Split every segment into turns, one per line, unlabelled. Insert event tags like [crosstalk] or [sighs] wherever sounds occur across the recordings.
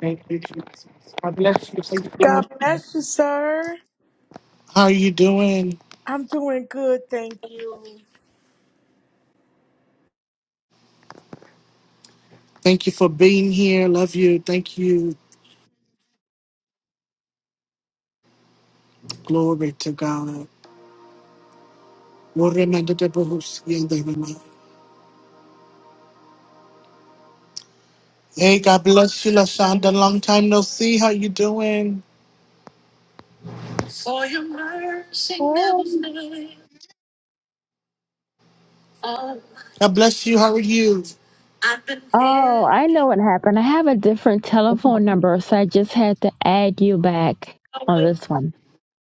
Thank you, Jesus. God bless you. How you doing?
God bless you, sir.
How are you doing?
I'm doing good, thank you.
Thank you for being here. Love you. Thank you. Glory to God. Glory be to the Lord. Yeah, they remain. Hey, God bless you, Lashonda. Long time no see. How you doing?
Well,
God bless you. How are you?
Oh, I know what happened. I have a different telephone number, so I just had to add you back on this one.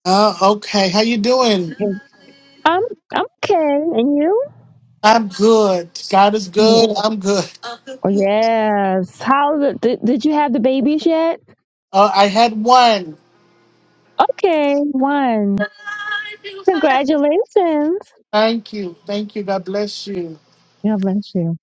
Uh, okay. How you doing?
I'm I'm okay, and you?
I'm good. God is good. I'm good.
Oh, Yes. How the, did did you have the babies yet?
Uh, I had one.
Okay, one. Congratulations.
Thank you. Thank you. God bless you.
God bless you.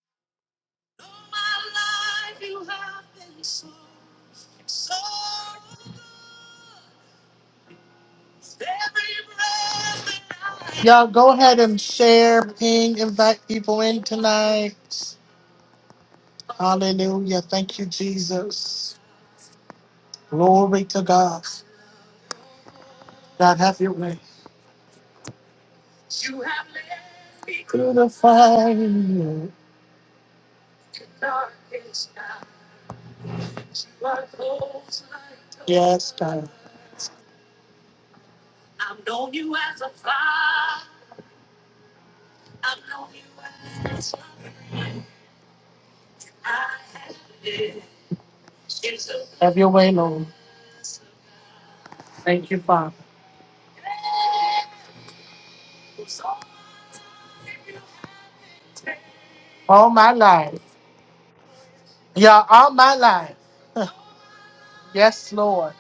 Y'all go ahead and share, ping, invite people in tonight. Hallelujah. Thank you, Jesus. Glory to God. God, have your way. You have Beautify me. through the fire. Yes, God. Have your way, Lord. Thank you, Father. All my life. Y'all, all my life. Yes, Lord.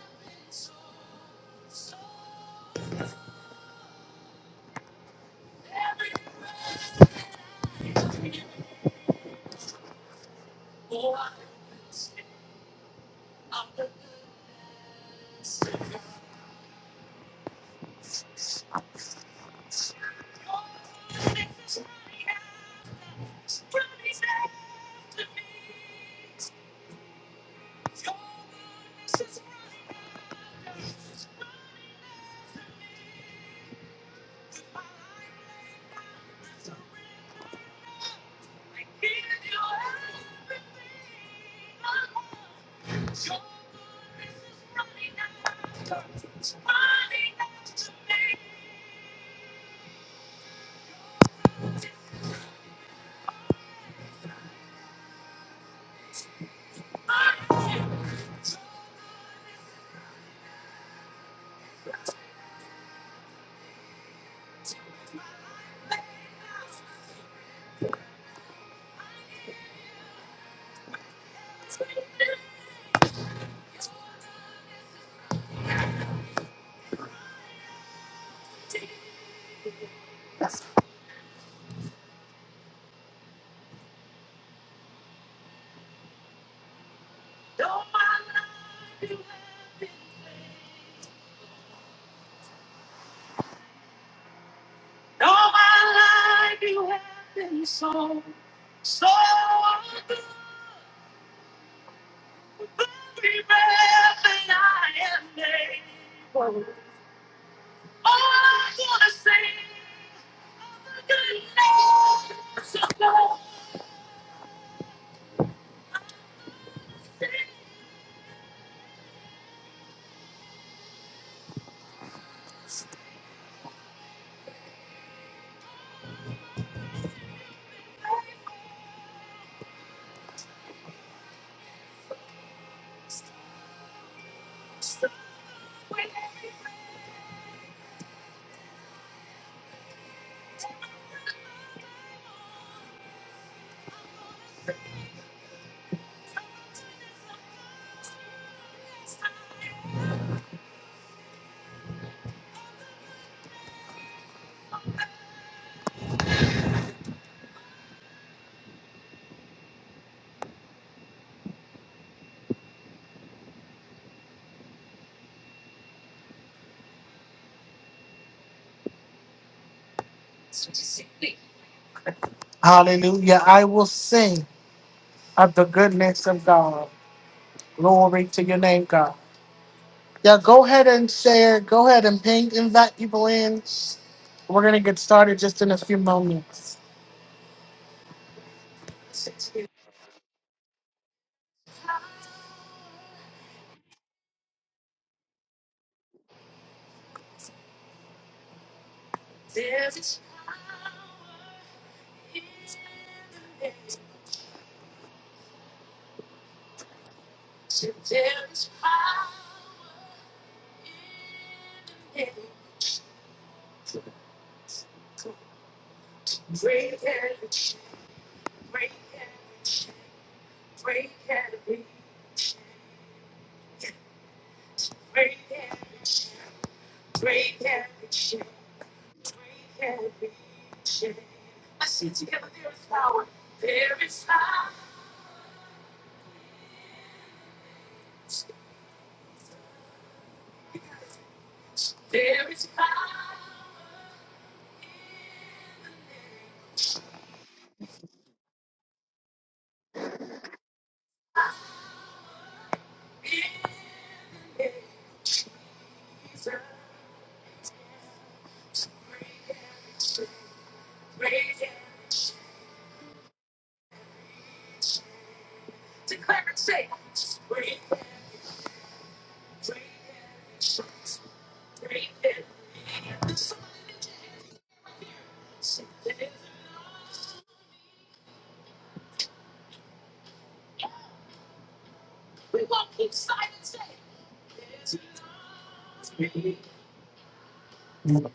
Hallelujah. I will sing of the goodness of God. Glory to your name, God. Yeah, go ahead and share. Go ahead and ping, invite people in. We're going to get started just in a few moments. The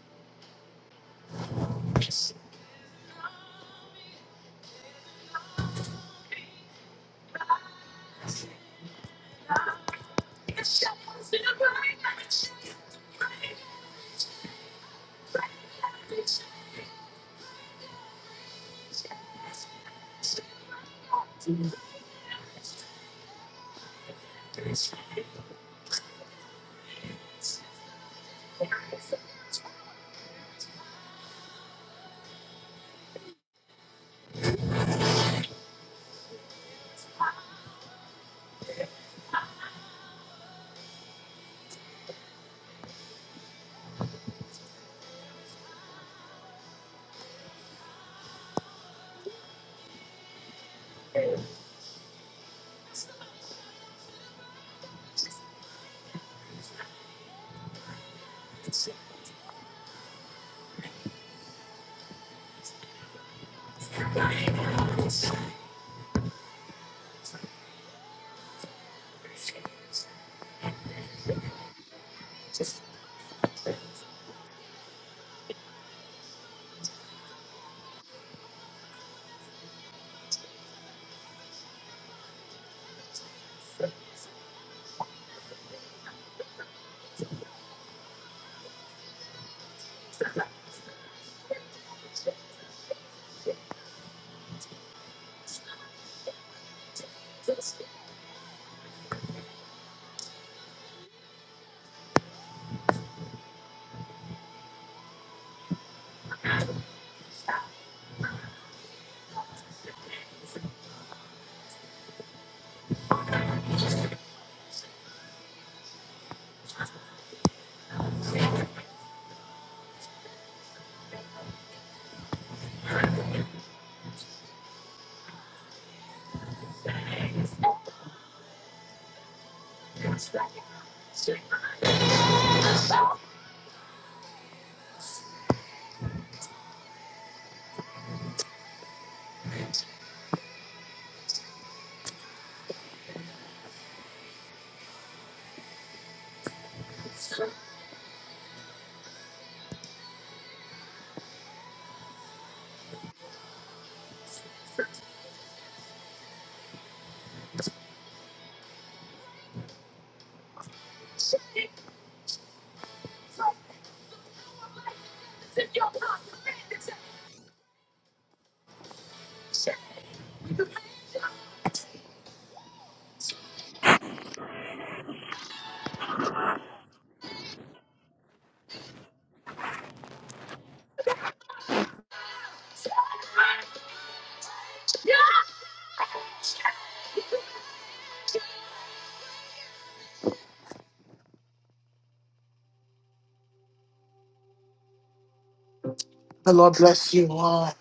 Lord bless you all.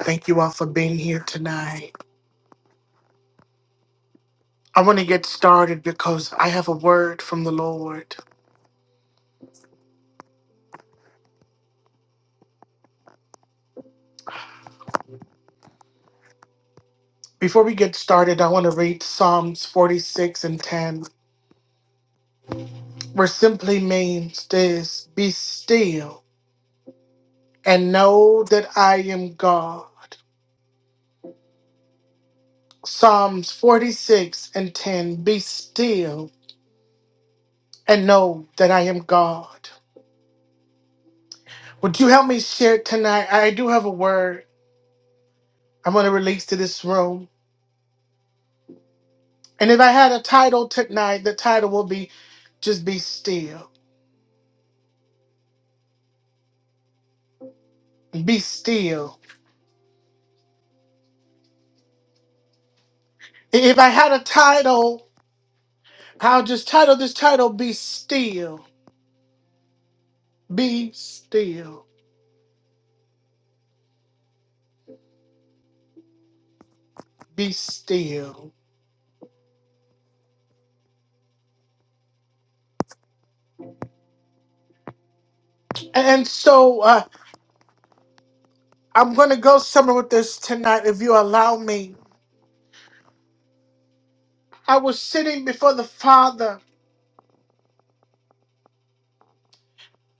Thank you all for being here tonight. I want to get started because I have a word from the Lord. Before we get started, I want to read Psalms 46 and 10, where simply means this Be still and know that I am God. Psalms 46 and 10 Be still and know that I am God. Would you help me share tonight? I do have a word I'm going to release to this room. And if I had a title tonight, the title will be Just Be Still. Be Still. If I had a title, I'll just title this title Be Still. Be Still. Be Still. And so uh, I'm going to go somewhere with this tonight if you allow me. I was sitting before the Father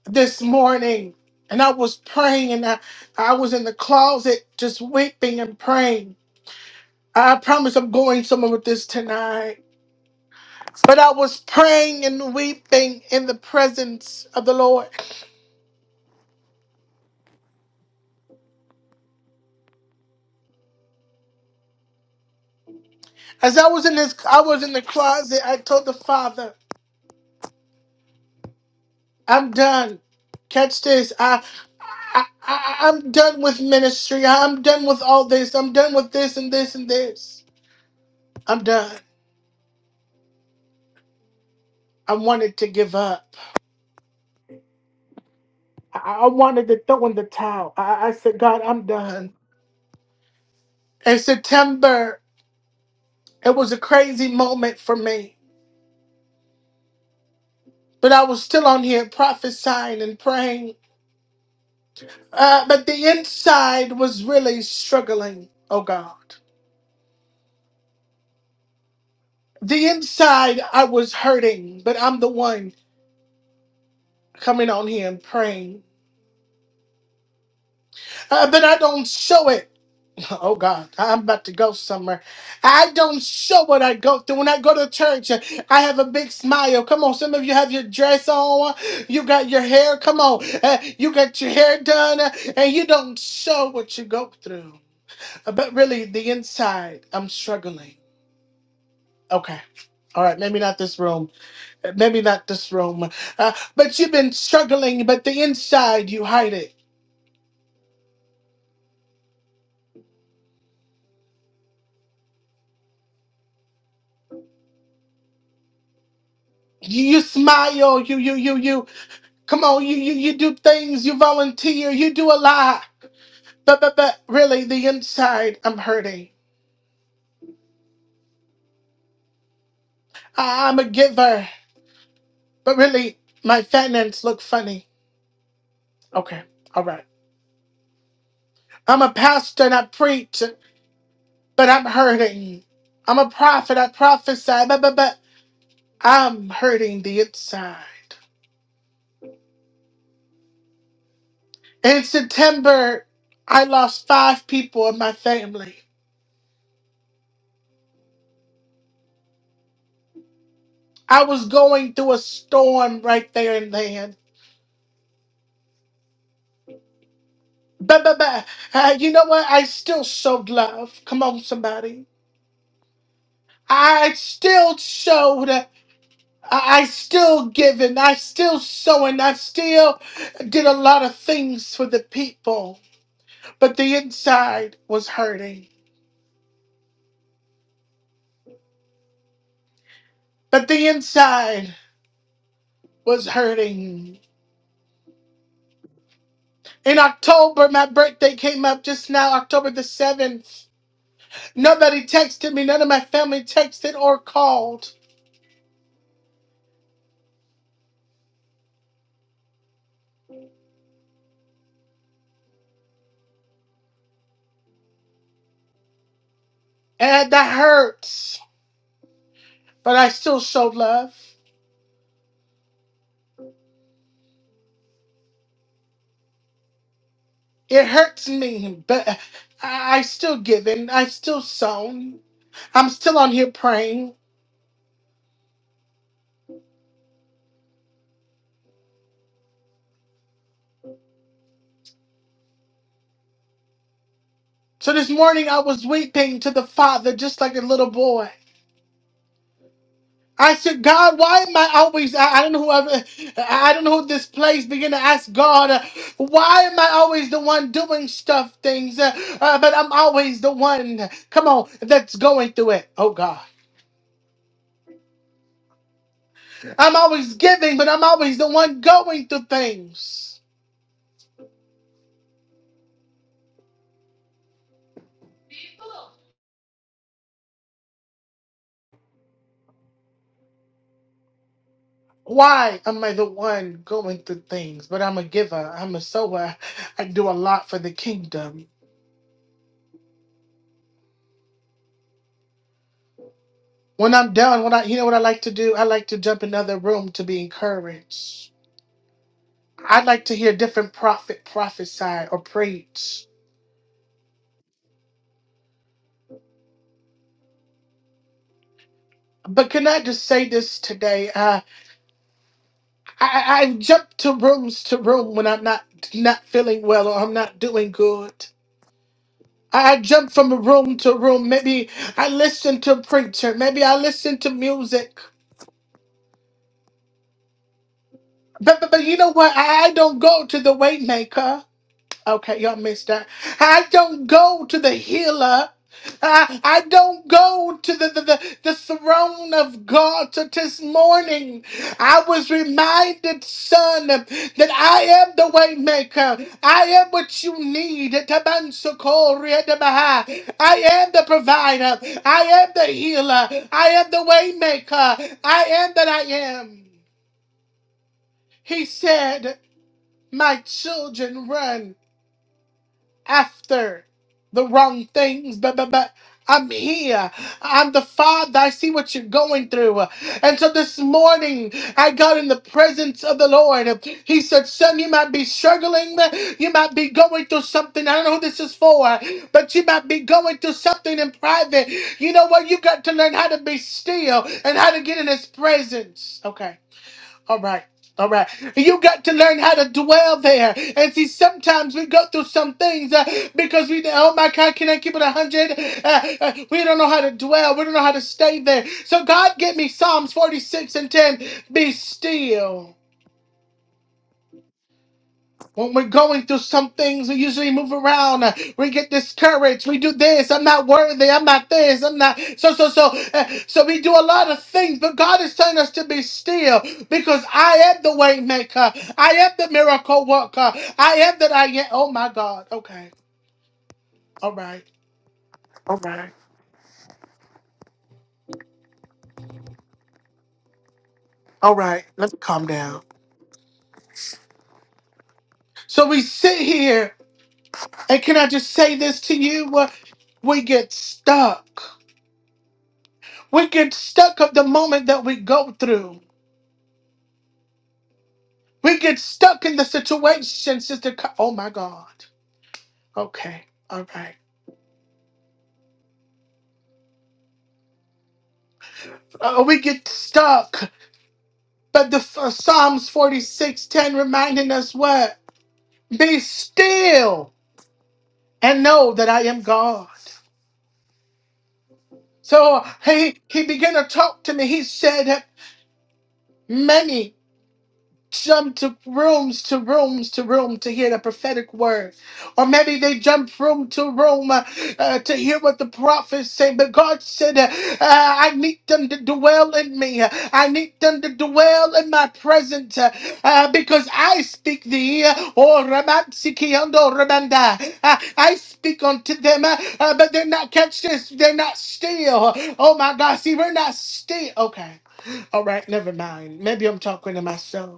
this morning and I was praying and I, I was in the closet just weeping and praying. I promise I'm going somewhere with this tonight. But I was praying and weeping in the presence of the Lord. As I was in this I was in the closet, I told the Father, I'm done. Catch this. I, I, I I'm done with ministry. I'm done with all this. I'm done with this and this and this. I'm done. I wanted to give up. I, I wanted to throw in the towel. I, I said, God, I'm done. In September, it was a crazy moment for me, but I was still on here prophesying and praying. Uh, but the inside was really struggling, oh God. The inside, I was hurting, but I'm the one coming on here and praying. Uh, but I don't show it Oh God, I'm about to go somewhere. I don't show what I go through. When I go to church, I have a big smile. Come on, some of you have your dress on, you got your hair. Come on, uh, you got your hair done, uh, and you don't show what you go through. Uh, But really, the inside, I'm struggling. Okay. All right, maybe not this room, Uh, maybe not this room. Uh, but you've been struggling, but the inside, you hide it. You, you smile, you you you you Come on, you, you you do things, you volunteer, you do a lot. But but but really the inside I'm hurting. I, I'm a giver. But really my finances look funny. Okay, all right. I'm a pastor and I preach, but I'm hurting. I'm a prophet, I prophesy, but but but I'm hurting the inside. In September, I lost five people in my family. I was going through a storm right there and then. But, but, but, uh, you know what? I still showed love. Come on, somebody. I still showed. I I still given. I still sewing. I still did a lot of things for the people. But the inside was hurting. But the inside was hurting. In October, my birthday came up just now, October the 7th. Nobody texted me. None of my family texted or called. And that hurts. But I still showed love. It hurts me, but I I still given. I still sown. I'm still on here praying. So this morning I was weeping to the Father just like a little boy. I said, God, why am I always? I, I don't know whoever, I I don't know who this place began to ask God, uh, why am I always the one doing stuff things? Uh, uh, but I'm always the one, come on, that's going through it. Oh God. I'm always giving, but I'm always the one going through things. Why am I the one going through things? But I'm a giver. I'm a sower. I do a lot for the kingdom. When I'm done, when I you know what I like to do? I like to jump in another room to be encouraged. I like to hear different prophet prophesy or preach. But can I just say this today? Uh, I, I I jump to rooms to room when I'm not not feeling well or I'm not doing good. I I jump from room to room. Maybe I listen to preacher. Maybe I listen to music. But, but, but you know what? I don't go to the weight maker. Okay, y'all missed that. I don't go to the healer. I, I don't go to the, the, the, the throne of God. So this morning, I was reminded, son, that I am the way maker. I am what you need. Tabansokoreadabaha. I am the provider. I am the healer. I am the way maker. I am that I am. He said. My children run after the wrong things, but, but, but I'm here. I'm the Father. I see what you're going through. And so this morning, I got in the presence of the Lord. He said, Son, you might be struggling. You might be going through something. I don't know who this is for, but you might be going through something in private. You know what? You got to learn how to be still and how to get in His presence. Okay. All right. All right. You got to learn how to dwell there. And see, sometimes we go through some things uh, because we, oh my God, can I keep it 100? Uh, uh, we don't know how to dwell. We don't know how to stay there. So, God, get me Psalms 46 and 10. Be still. When we're going through some things, we usually move around. Uh, We get discouraged. We do this. I'm not worthy. I'm not this. I'm not. So, so, so. uh, so we do a lot of things, but God is telling us to be still because I am the way maker. I am the miracle worker. I am that I am. Oh, my God. Okay. All right. All right. All right. Let's calm down. So we sit here, and can I just say this to you? Uh, We get stuck. We get stuck of the moment that we go through. We get stuck in the situation, Sister. Ka- oh my God. Okay. All right. Uh, we get stuck. But the uh, Psalms 46:10 reminding us what? Be still and know that I am God. So he he began to talk to me. He said, "Many." jump to rooms to rooms to room to hear the prophetic word or maybe they jump room to room uh, uh, to hear what the prophets say but god said uh, uh, i need them to dwell in me i need them to dwell in my presence uh, uh, because i speak thee or Ramansikiando Ramanda. Uh, i speak unto them uh, uh, but they're not catch this they're not still oh my god see we're not still okay all right never mind maybe i'm talking to myself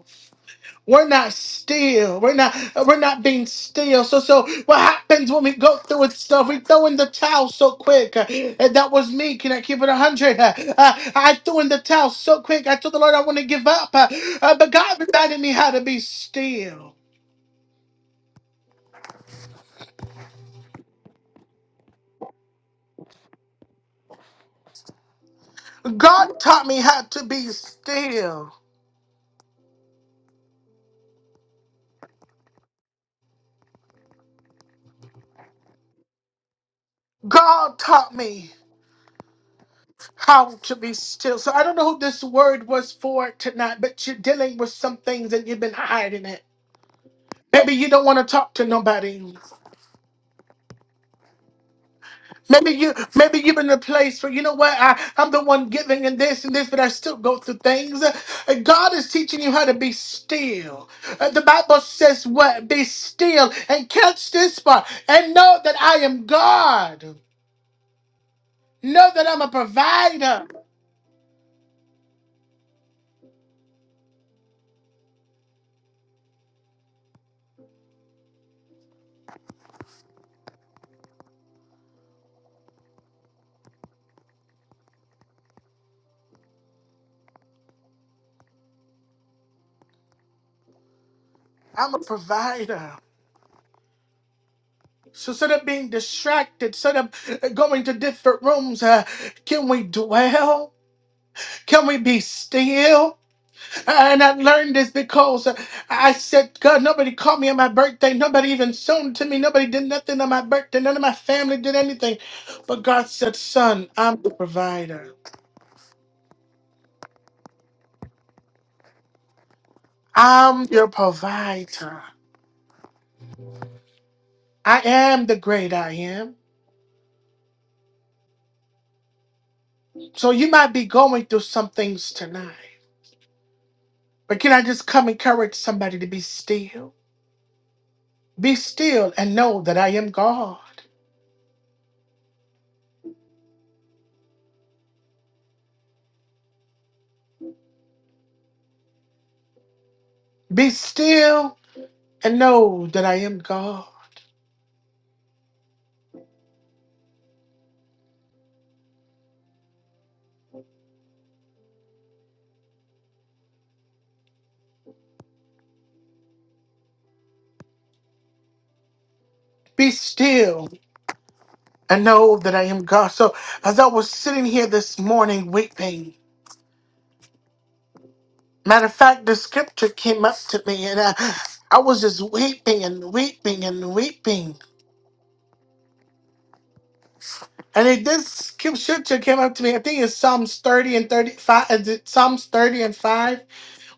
we're not still. We're not. We're not being still. So, so what happens when we go through with stuff? We throw in the towel so quick. Uh, And that was me. Can I keep it a hundred? Uh, uh, I threw in the towel so quick. I told the Lord I want to give up. Uh, uh, but God reminded me how to be still. God taught me how to be still. God taught me how to be still. So I don't know who this word was for tonight, but you're dealing with some things and you've been hiding it. Maybe you don't want to talk to nobody. Maybe you, maybe you've been in a place where you know what I, I'm the one giving and this and this, but I still go through things. Uh, God is teaching you how to be still. Uh, The Bible says, "What be still and catch this part, and know that I am God. Know that I'm a provider. I'm a provider." So instead of being distracted, instead of uh, going to different rooms, uh, can we dwell? Can we be still? And I learned this because uh, I said, God, nobody called me on my birthday. Nobody even sold to me. Nobody did nothing on my birthday. None of my family did anything. But God said, Son, I'm the provider. I'm your provider. I am the great I am. So you might be going through some things tonight. But can I just come encourage somebody to be still? Be still and know that I am God. Be still and know that I am God. Be still I know that I am God. So as I was sitting here this morning weeping, matter of fact, the scripture came up to me and I, I was just weeping and weeping and weeping. And it, this scripture came up to me, I think it's Psalms 30 and 35, is it Psalms 30 and 5,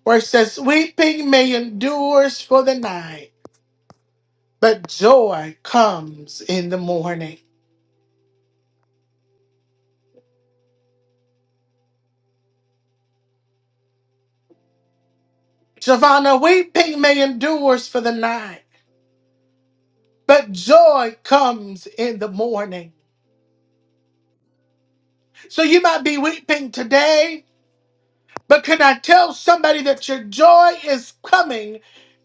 where it says, Weeping may endures for the night, but joy comes in the morning. Giovanna, weeping may endures for the night, but joy comes in the morning. So you might be weeping today, but can I tell somebody that your joy is coming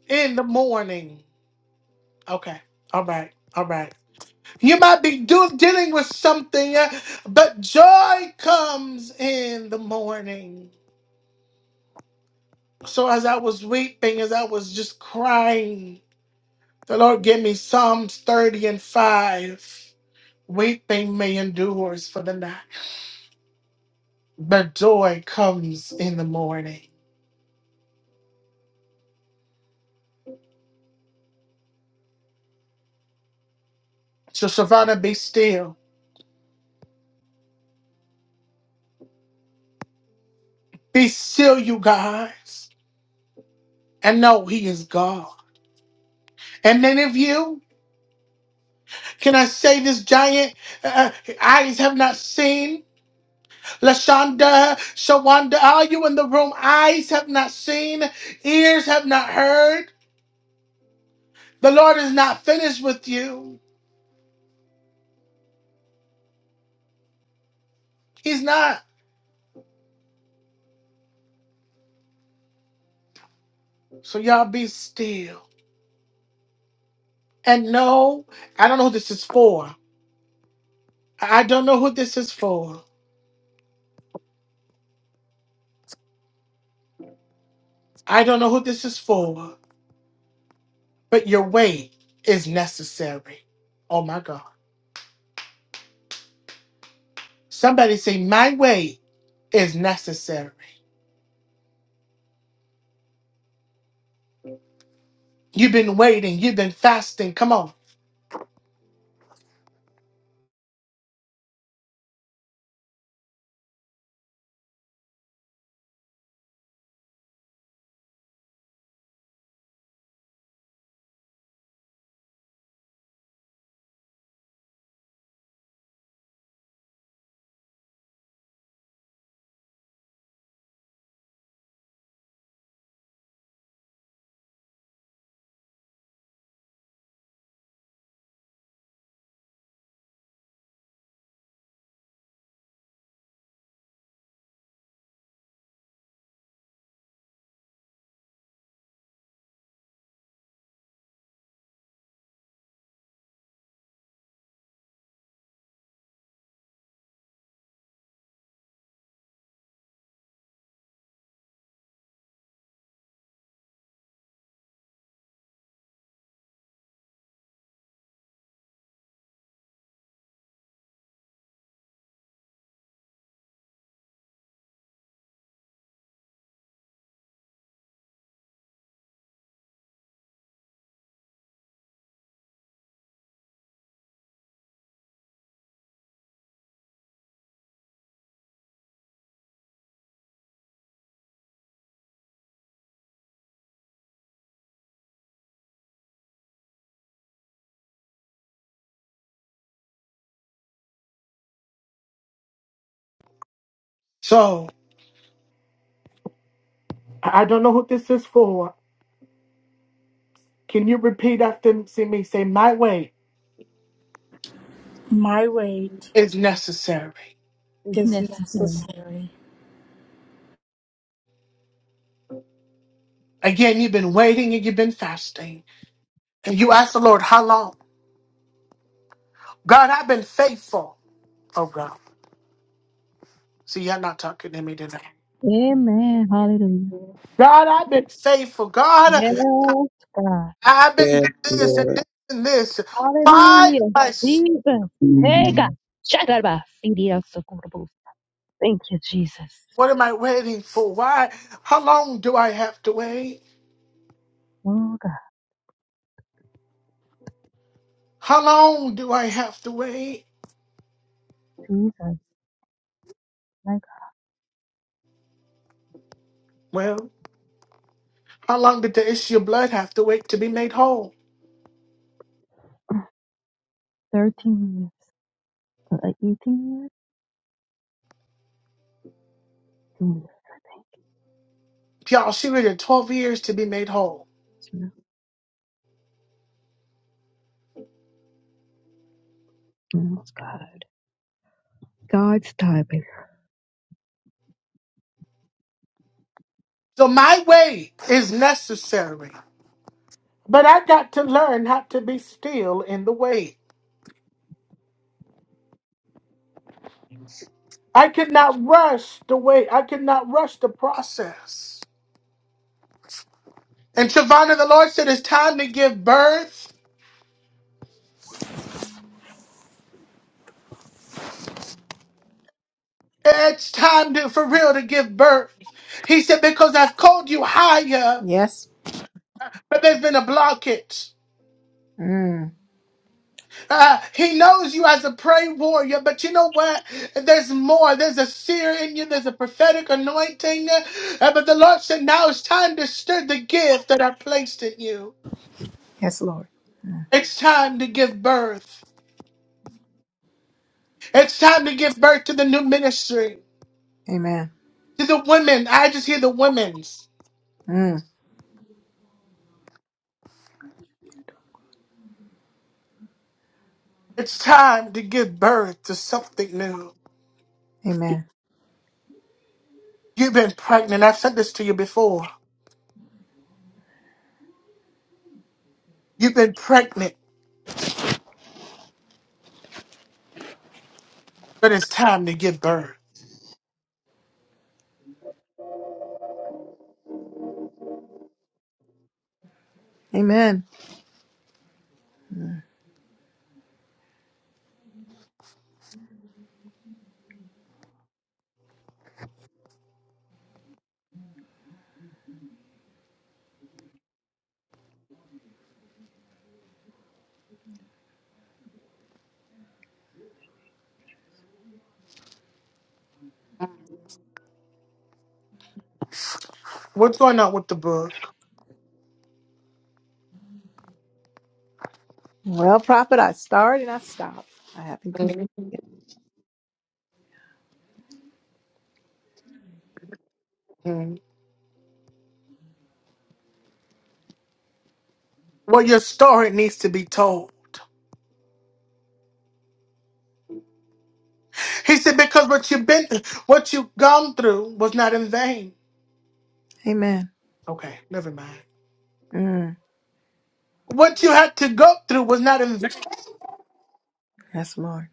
in the morning? Okay. All right. All right. You might be do- dealing with something, uh, but joy comes in the morning. So as I was weeping, as I was just crying, the Lord gave me Psalms 30 and 5. Weeping may endures for the night, but joy comes in the morning. So Savannah, be still Be still, you guys, and know He is God. And many of you, can I say this giant uh, uh, eyes have not seen? Lashonda, Shawanda, are you in the room? Eyes have not seen, ears have not heard. The Lord is not finished with you. He's not. So y'all be still. And no, I don't know who this is for. I don't know who this is for. I don't know who this is for. But your wait is necessary. Oh my God. Somebody say, My way is necessary. You've been waiting, you've been fasting. Come on. So I I don't know who this is for. Can you repeat after see me? Say, My way
My weight
is necessary.
It's
is
necessary.
necessary.
Again, you've been waiting and you've been fasting. And you ask the Lord, How long? God, I've been faithful. Oh God. See, you're not talking to me today.
Amen. Hallelujah.
God, I've been faithful. God,
Yes, God.
I've been
Yes,
this and this
Lord.
and this. Why
Hallelujah.
am I
Jesus. Hey, God.
Mm.
Shut up. Thank you, Jesus.
What am I waiting for? Why? How long do I have to wait?
Oh God,
How long do I have to wait?
These are like
Well, how long did the issue of blood have to wait to be made whole?
13 years, like 18 years, 18 years, I think.
Y'all, she waited 12 years to be made whole.
It's not- no, it's God. God's timing.
So my wait is necessary. But I got to learn how to be still in the wait. I cannot rush the wait. I cannot rush the process. And Shavana, the Lord said it's time to give birth It's time to, for real to give birth. He said, because I've called you higher,
Yes.
but there's been a blockage.
Mm.
Uh, he knows you as a prayer warrior, but you know what? There's more. There's a seer in you. There's a prophetic anointing. Uh, but the Lord said, now it's time to stir the gift that I placed in you.
Yes, Lord.
It's time to give birth. It's time to give birth to the new ministry,
Amen.
to the women. I just hear the women's.
Mm.
It's time to give birth to something new.
Amen.
You've been pregnant. I've said this to you before. You've been pregnant, but it's time to give birth.
Amen.
What's going on with the book?
Well, prophet, I start and I stop. I haven't completed yet.
Hmm. Well, your story needs to be told. He said, because what you've been, what you've gone through was not in vain.
Amen.
Okay, never mind.
Mm.
What you had to go through was not in vain.
Yes, Lord.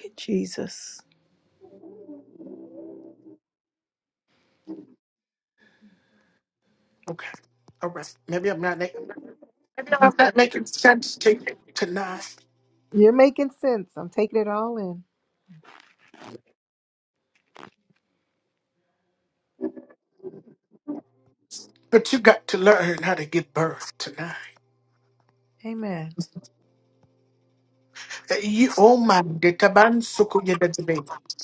Get Jesus.
Okay, all right. Maybe I'm not making, maybe I'm not making sense to you tonight.
You're making sense. I'm taking it all in.
But you got to learn how to give birth tonight.
Amen.
Uh, You, oh my, the taban suku yedetebe.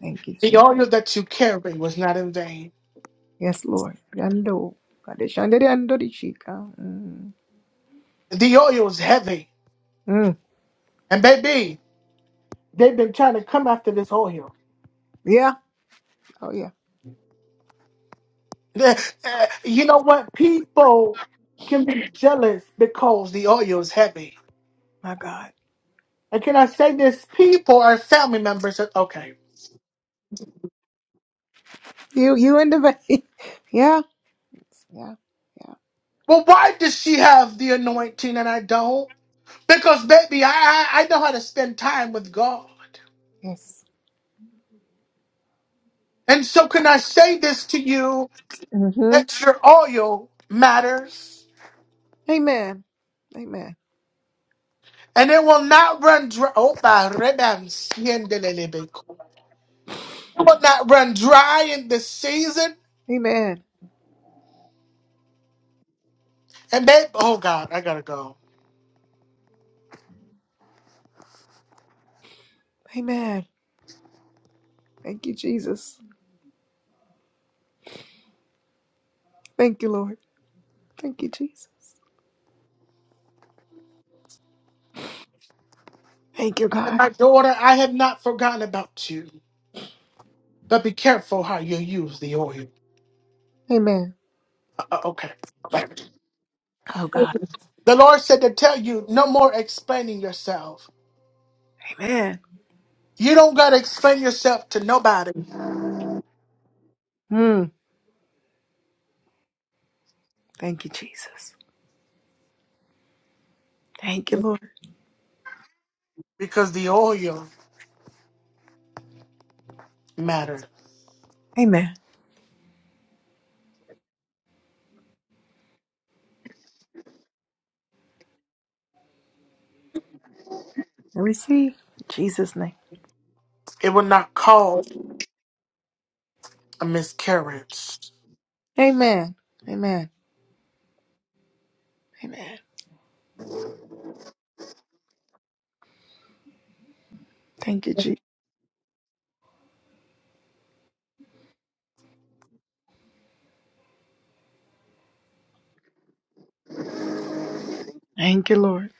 Thank you,
The
Jesus.
oil that you carry was not in vain.
Yes, Lord. Yando. Kadeshandariandorichika. Mm.
The oil is heavy.
Mm.
And baby, they've been trying to come after this oil. [laughs]
Yeah. Oh, yeah.
The- uh, You know what? People can be jealous because the oil is heavy.
My God.
And can I say this? People are family members. that- Okay.
You, you in the vein. [laughs] yeah. Yes. Yeah. Yeah.
Well, why does she have the anointing and I don't? Because, baby, I, I, I know how to spend time with God.
Yes.
And so, can I say this to you
Mm-hmm.
that your oil matters?
Amen. Amen.
And it will not run dry. Oh, my ribbon, shendelelebe. It will not run dry in this season.
Amen.
And babe, oh God, I gotta go.
Amen. Thank you, Jesus. Thank you, Lord. Thank you, Jesus. Thank you,
And
God.
my daughter, I have not forgotten about you. But be careful how you use the oil.
Amen.
Uh, uh, okay. Right.
Oh, God.
The Lord said to tell you no more explaining yourself.
Amen.
You don't gotta explain yourself to nobody
Mm. Thank you, Jesus. Thank you, Lord.
because the oil mattered.
Amen. And receive in Jesus' name.
It will not cause a miscarriage.
Amen. Amen. Amen. Thank you, Jesus. Thank you, Lord.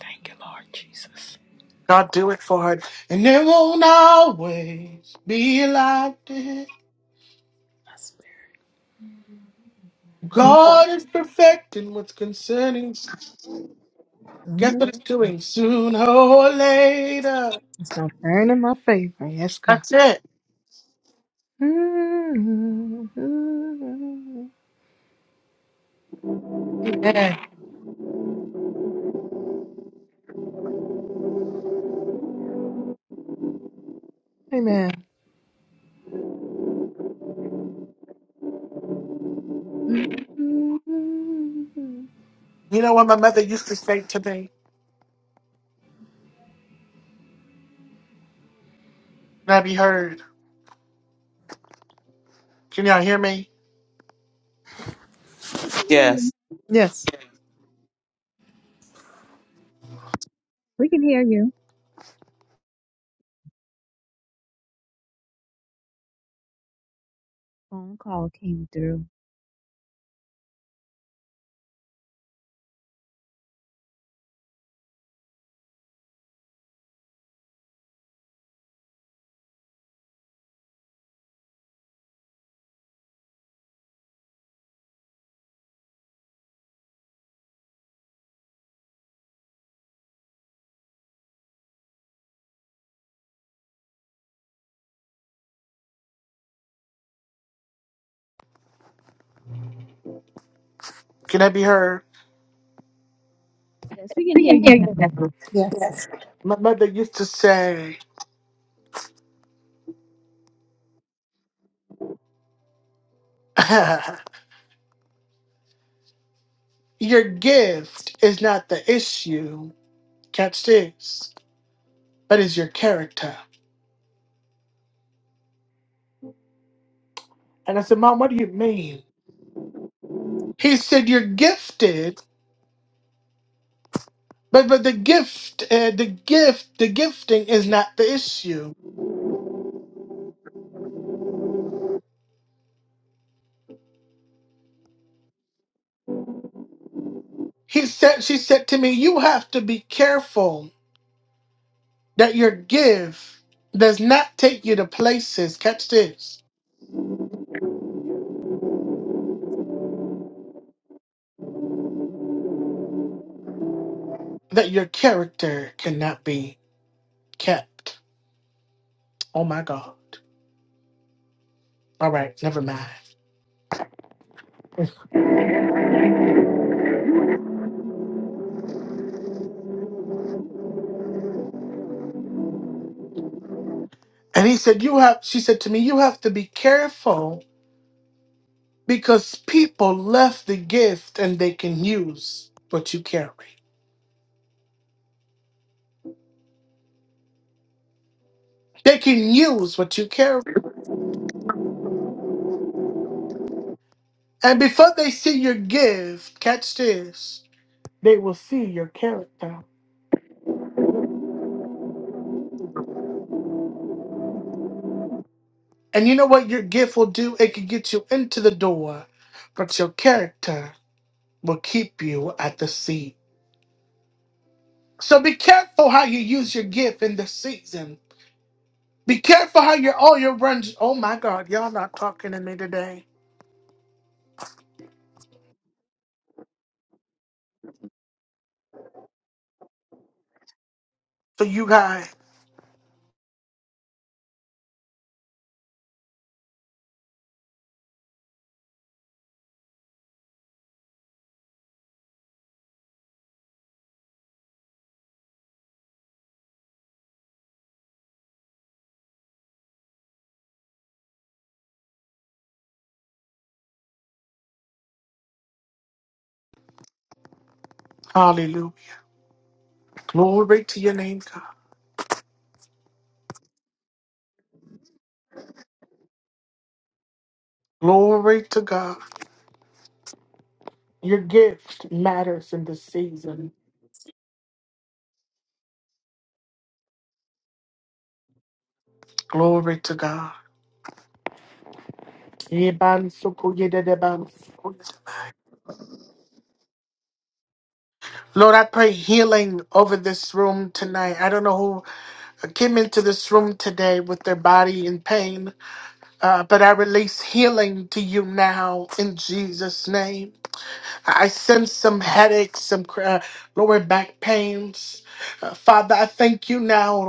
Thank you, Lord Jesus.
God do it for it, And it won't always be like this.
My spirit.
God is perfecting what's concerning. Guess
Mm.
what it's doing? Sooner or later.
It's going to turn in my favor. Yes, God.
That's it.
Mm. Amen. Amen. Yes.
You know what my mother used to say to me? Can I be heard? Can y'all hear me?
We can hear
Yes,
you. We can hear you. Phone call came through.
Can I be heard?
Yes, we can hear you now.
Yes.
My mother used to say, [laughs] Your gift is not the issue. Catch this. But is your character. And I said, Mom, what do you mean? He said, You're gifted But but the gift, uh, the gift, the gifting is not the issue. He said, she said to me, you have to be careful that your gift does not take you to places. Catch this, that your character cannot be kept. Oh my God! All right, never mind. And he said, you have. She said to me, you have to be careful because people left the gift and they can use what you carry. They can use what you carry. And before they see your gift, catch this, they will see your character. And you know what your gift will do? It can get you into the door, but your character will keep you at the seat. So be careful how you use your gift in this season. Be careful how your all your runs. Oh my God, y'all not talking to me today. So you guys, hallelujah. Glory to your name, God. Glory to God. Your gift matters in this season. Glory to God. Lord, I pray healing over this room tonight. I don't know who came into this room today with their body in pain, uh, but I release healing to you now in Jesus' name. I sense some headaches, some uh, lower back pains. Uh, Father, I thank you now.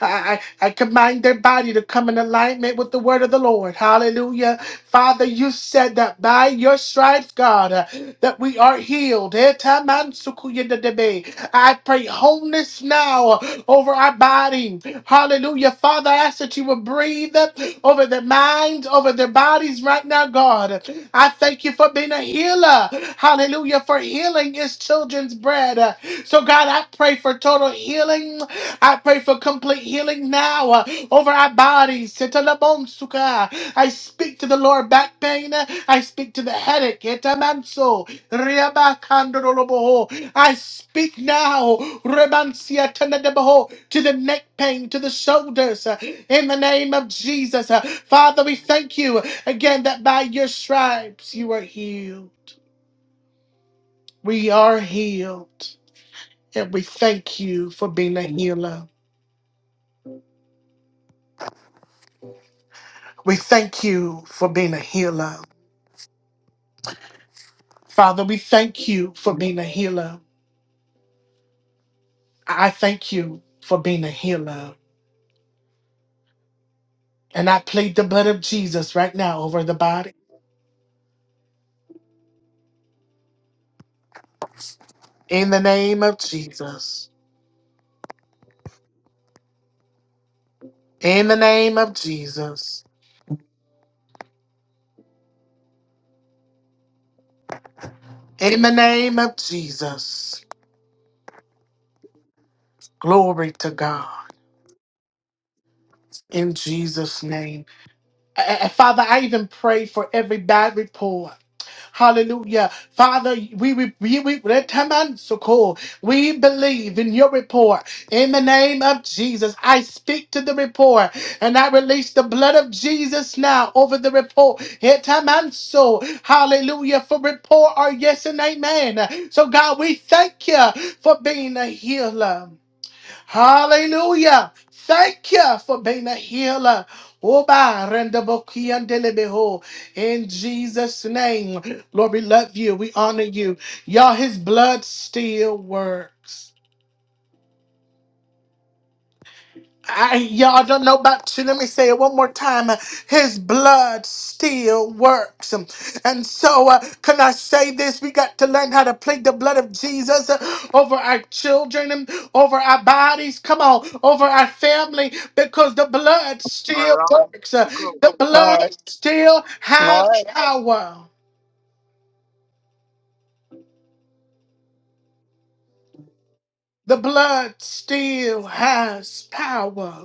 I, I I command their body to come in alignment with the word of the Lord. Hallelujah. Father, you said that by your stripes, God, uh, that we are healed. Etamansukuyenadebe. I pray wholeness now uh, over our body. Hallelujah. Father, I ask that you will breathe uh, over their minds, over their bodies right now, God. I thank you for being a healer. Hallelujah. For healing is children's bread. So, God, I pray for total healing. I pray for complete healing now uh, over our bodies. Setalabonsuka. I speak to the lower back pain. I speak to the headache. Etamanso. Riabakandoroloboho. I speak now Rebansia to the neck pain, to the shoulders. uh, In the name of Jesus. Uh, Father, we thank you again that by your stripes you are healed. We are healed. And we thank you for being a healer. We thank you for being a healer. Father, we thank you for being a healer. I thank you for being a healer. And I plead the blood of Jesus right now over the body. In the name of Jesus. In the name of Jesus. In the name of Jesus. Glory to God. In Jesus' name. A- a- Father, I even pray for every bad report. Hallelujah. Father, we we we, we, that time I'm so cool. we believe in your report. In the name of Jesus, I speak to the report and I release the blood of Jesus now over the report. Here time I'm so hallelujah for report or yes and amen. So God, we thank you for being a healer. Hallelujah. Thank you for being a healer. Oba renda bokia ndelebeho. In Jesus' name, Lord, we love you. We honor you. Y'all, his blood still works. I, y'all don't know about you. Let me say it one more time. His blood still works. And so, uh, can I say this? We got to learn how to plead the blood of Jesus uh, over our children, um, over our bodies, come on, over our family, because the blood
All right,
still
I'll
works. Uh,
be cool.
The
All right.
blood still
All
has
right.
power. The blood still has power.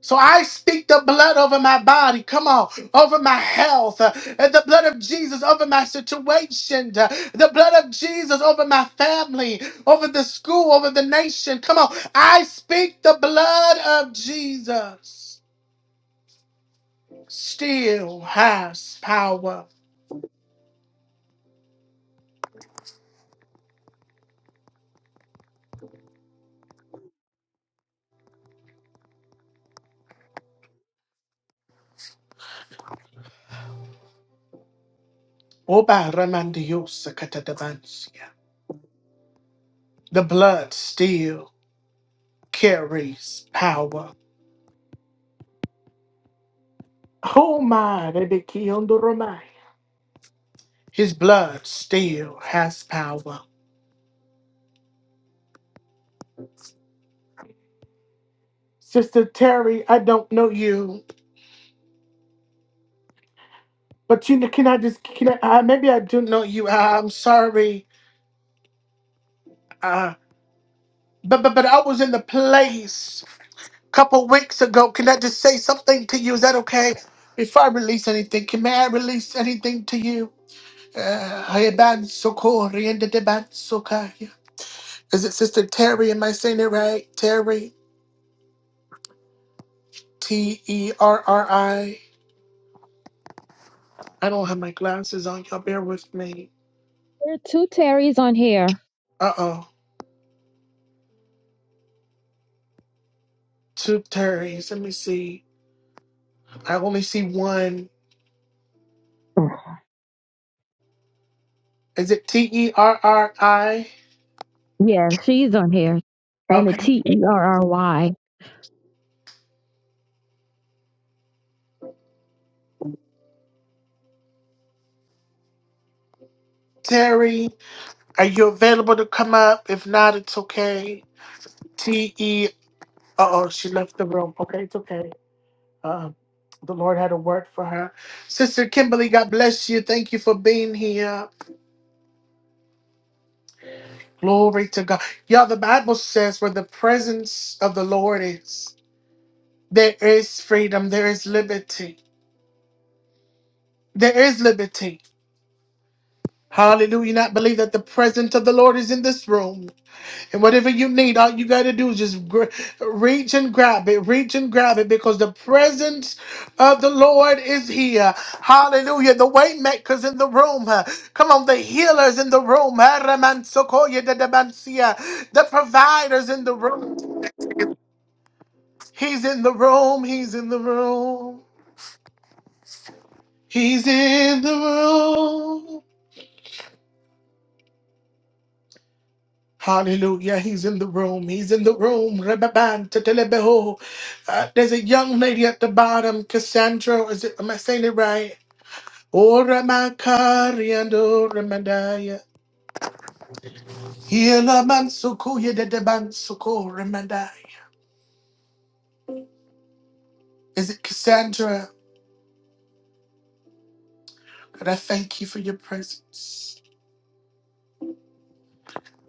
So I speak the blood over my body, come on, over my health, uh, and the blood of Jesus over my situation, uh, the blood of Jesus over my family, over the school, over the nation. Come on, I speak the blood of Jesus. Still has power. Oba ramandiosa katadabansia. The blood still carries power. Oh my, they be killed, his blood still has power. Sister Terry, I don't know you, but you know, can I just can I, uh, maybe I do know you. Uh, I'm sorry, uh, but but but I was in the place a couple weeks ago. Can I just say something to you? Is that okay? Before I release anything, can may I release anything to you? Uh, I ban so kori and the ban so kaya. Is it Sister Terry? Am I saying it right? Terry, T E R R I. I don't have my glasses on. Y'all bear with me.
There are two Terrys on here. [sighs]
Uh oh, two Terrys. Let me see. I only see one. Is it T E R R I?
Oh, Yeah, she's on here. And the
Okay.
T E R R Y.
Terry, are you available to come up? If not, it's okay. T E. Uh oh, she left the room. Okay, it's okay. Um, the Lord had a word for her. Sister Kimberly, God bless you. Thank you for being here. Glory to God. Y'all, the Bible says where the presence of the Lord is, there is freedom, there is liberty. There is liberty. Hallelujah. You Not believe that the presence of the Lord is in this room. And whatever you need, all you got to do is just gr- reach and grab it, reach and grab it, because the presence of the Lord is here. Hallelujah. The waymakers in the room. huh? Come on, the healers in the room. huh? Ramansokoye dedebansia. The providers in the room. He's in the room. He's in the room. He's in the room. Hallelujah. He's in the room. He's in the room. Rebaban, tetelebeho. Uh, there's a young lady at the bottom, Cassandra. Is it, am I saying it right? Ora makariando remandaya. Hiela mansukuya dedebansuko remandaya. Is it Cassandra? God, I thank you for your presence.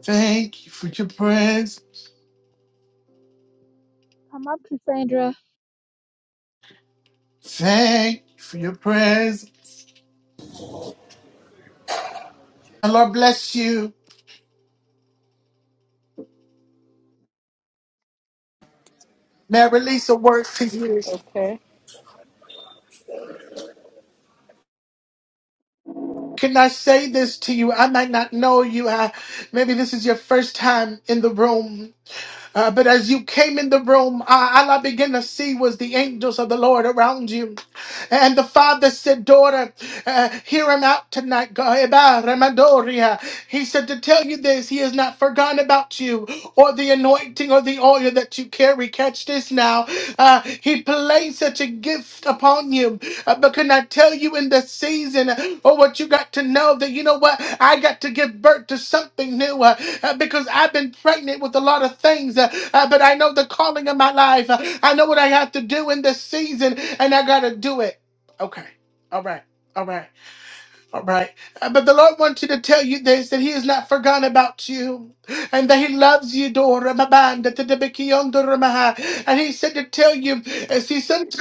Thank you for your presence.
Come up, Cassandra.
Thank you for your presence. And Lord bless you. May I release a word to you.
Okay.
Can I say this to you? I might not know you. I, maybe this is your first time in the room. Uh, but as you came in the room, uh, all I began to see was the angels of the Lord around you. And the father said, Daughter, uh, hear him out tonight. God. Eba remadoria. He said, To tell you this, he has not forgotten about you or the anointing or the oil that you carry. Catch this now. Uh, he placed such a gift upon you. Uh, but can I tell you in this season uh, or what you got to know that you know what? I got to give birth to something new uh, uh, because I've been pregnant with a lot of things, uh, uh, but I know the calling of my life. Uh, I know what I have to do in this season, and I got to do it. Okay. All right. All right. All right. Uh, But the Lord wanted to tell you this that He has not forgotten about you and that He loves you. Dora Mabanda, Tadabiki, Ondora Maha. And He said to tell you, uh, see, sometimes.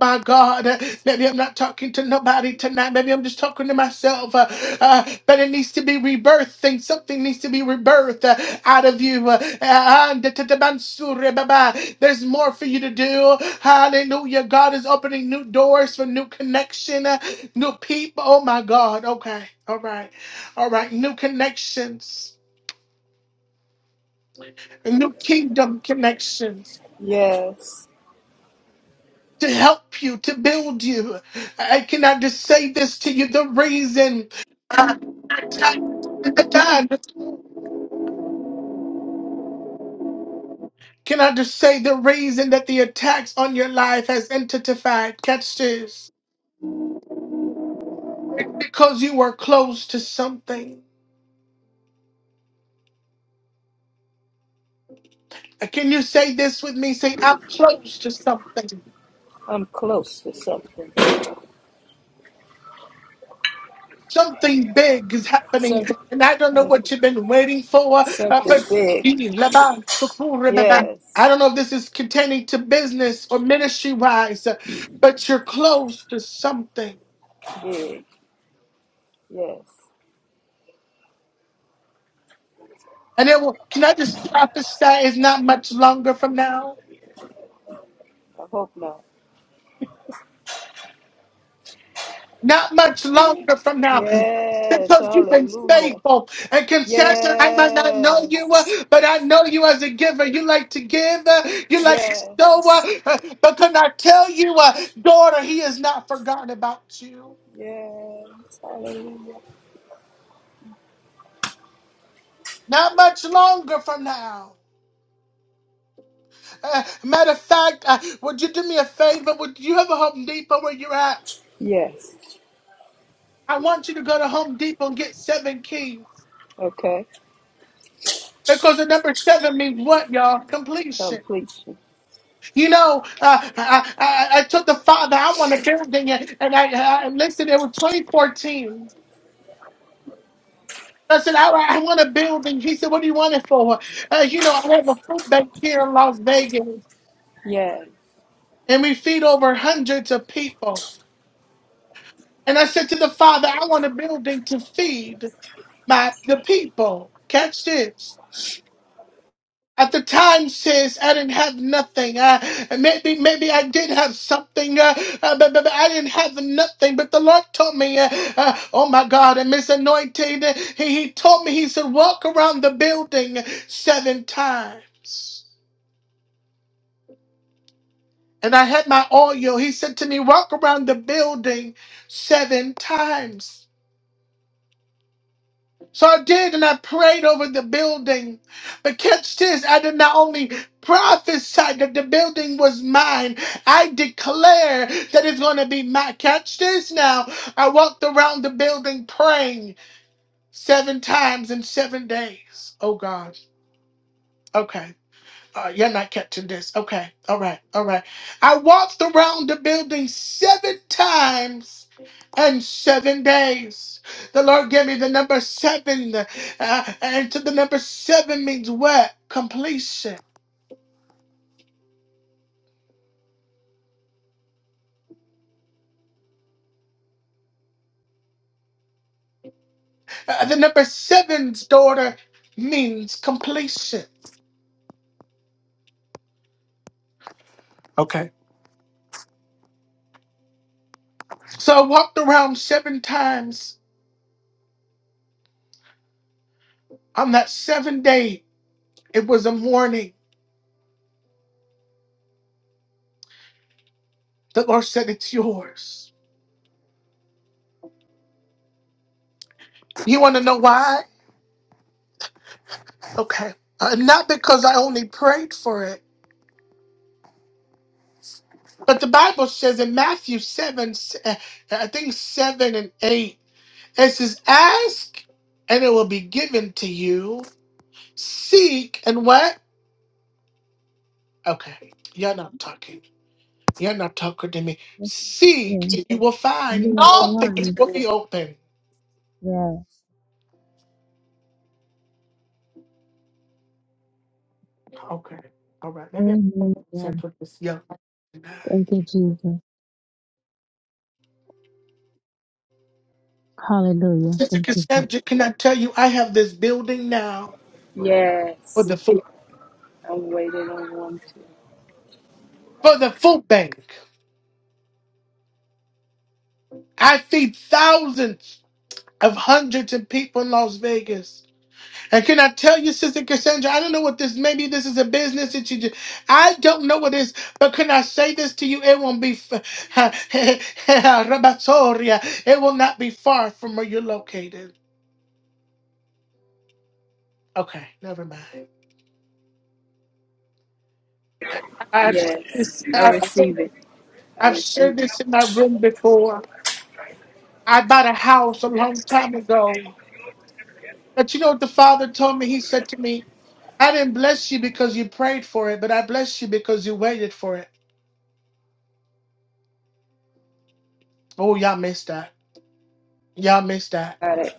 My God, uh, maybe I'm not talking to nobody tonight. Maybe I'm just talking to myself. Uh, uh, but it needs to be rebirthed. Things, something needs to be rebirthed uh, out of you. Uh, uh, and da- da- da- bansure, baba. There's more for you to do. Hallelujah. God is opening new doors for new connection, uh, new people. Oh my God. Okay. All right. All right. New connections. New kingdom connections.
Yes.
to help you, to build you. I cannot just say this to you. The reason. God, can I just say the reason that the attacks on your life has intensified? Catch this. Because you were close to something. Can you say this with me? Say, I'm close to something.
I'm close to something.
Something big is happening,
Some,
and I don't know what you've been waiting for, uh,
something
but
big.
[laughs] I
Yes.
don't know if this is containing to business or ministry wise, but you're close to something.
Big. Yes.
And it will, can I just prophesy? It's not much longer from now.
I hope not.
Not much longer from now,
Yes.
because you've been
Hallelujah.
faithful and consistent. I might not know you,
Yes.
uh, but I know you as a giver. You like to give, uh, you like to sow.
Yes.
uh, uh, But can I tell you, uh, daughter, he has not forgotten about you.
Yes. Hallelujah.
Not much longer from now. Uh, matter of fact, uh, would you do me a favor? Would you have a Home Depot where you're at?
Yes.
I want you to go to Home Depot and get seven keys
Okay.
because the number seven means what, y'all? Completion.
Completion.
You know, uh, I, I, I took the father. I want to building, and and I, I listen. It was 2014. I said, I, I want a building. He said, What do you want it for? Uh, you know, I have a food bank here in Las Vegas,
Yes.
and we feed over hundreds of people. And I said to the father, I want a building to feed my the people. Catch this. At the time, sis, I didn't have nothing. Uh, maybe, maybe I did have something, uh, uh, but, but, but I didn't have nothing. But the Lord told me, uh, uh, oh my God, I'm His anointed. uh, He, he told me, He said, walk around the building seven times. And I had my oil. He said to me, walk around the building seven times. So I did, and I prayed over the building. But catch this, I did not only prophesy that the building was mine, I declare that it's going to be mine. Catch this now. I walked around the building praying seven times in seven days. Oh, God. Okay. Uh, you're not catching this. Okay. All right. All right. I walked around the building seven times and seven days. The Lord gave me the number seven. Uh, and to the number seven means what? Completion. Uh, the number seven's daughter means completion. Okay. So I walked around seven times. On that seventh day, it was a morning. The Lord said, It's yours. You want to know why? Okay. Uh, not because I only prayed for it, but the Bible says in Matthew 7, s- uh, I think 7 and 8, it says, Ask and it will be given to you. Seek and what? Okay. You're
uh,
not talking. You're not talking to me.
yes, yeah.
Seek and you will
And
find.
you are
Knock and it
fine.
will be open.
Yes.
Okay. All right. Maybe I'm
Mhm. Yes.
consent with this young man.
Thank you, Jesus. Hallelujah.
Sister
Thank you,
Cassandra, can I tell you, I have this building now for
Yes.
the food,
I'm waiting on one too.
for the food bank. I see thousands of hundreds of people in Las Vegas. And can I tell you, Sister Cassandra, I don't know what this, maybe this is a business that you do. I don't know what it is, but can I say this to you? It won't be, f- [laughs] Rabatoria. it will not be far from where you're located. Okay, never mind. I- I've,
Yes. I
I've,
receive it. I
I've shared
receive it.
this in my room before. I bought a house a long time ago. But you know what the father told me? He said to me, I didn't bless you because you prayed for it, but I blessed you because you waited for it. Oh, y'all missed that. Y'all missed that.
Got it.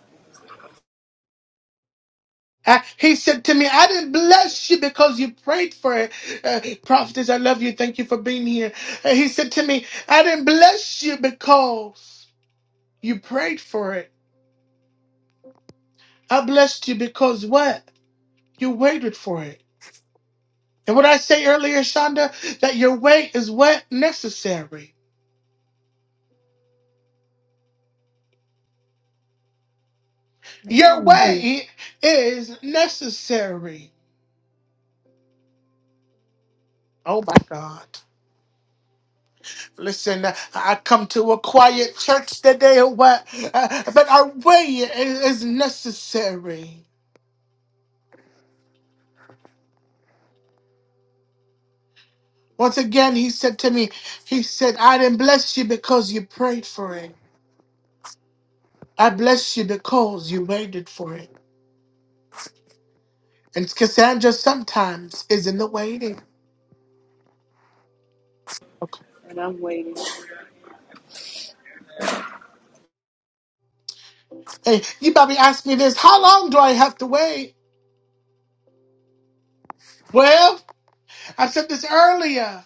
I, he said to me, I didn't bless you because you prayed for it. Uh, prophetess, I love you. Thank you for being here. Uh, he said to me, I didn't bless you because you prayed for it. I blessed you because what? You waited for it. And what I say earlier, Shonda, that your wait is what? Necessary. Your
Jesus.
Mm. wait is necessary. Oh my God. Listen, uh, I come to a quiet church today, where, uh, but our way is is necessary. Once again, he said to me, He said, I didn't bless you because you prayed for it. I bless you because you waited for it. And Cassandra sometimes is in the waiting.
And I'm waiting.
Hey, you probably asked me this how long do I have to wait? Well, I said this earlier.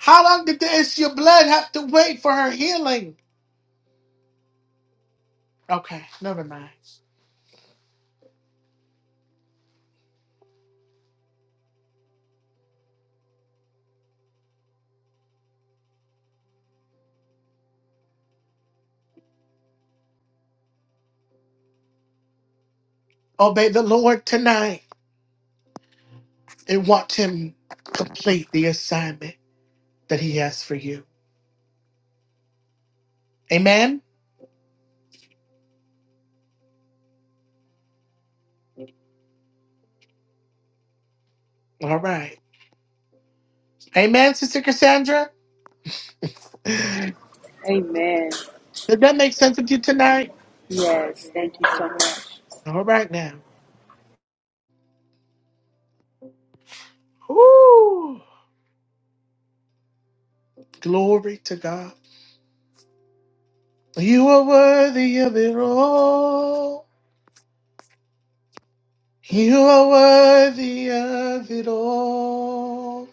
How long did the issue of blood have to wait for her healing? Okay, never mind. Obey the Lord tonight and watch Him complete the assignment that He has for you. Amen? All right. Amen, Sister Cassandra? Does
Amen.
that make sense with you tonight?
Yes. Thank you so much.
All right now. Woo! Glory to God. You are worthy of it all. You are worthy of it all.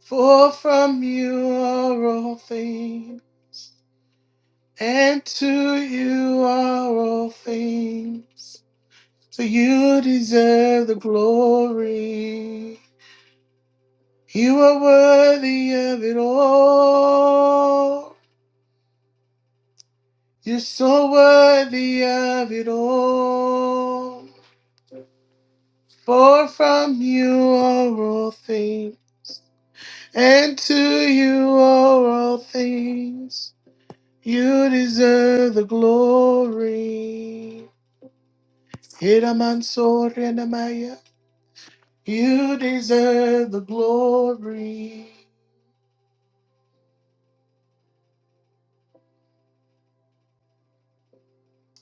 For from you are all things. And to you are all things. So you deserve the glory. You are worthy of it all. You're so worthy of it all. For from you are all things. And to you are all things. You deserve the glory. Hiramansorenamaya. You deserve the glory.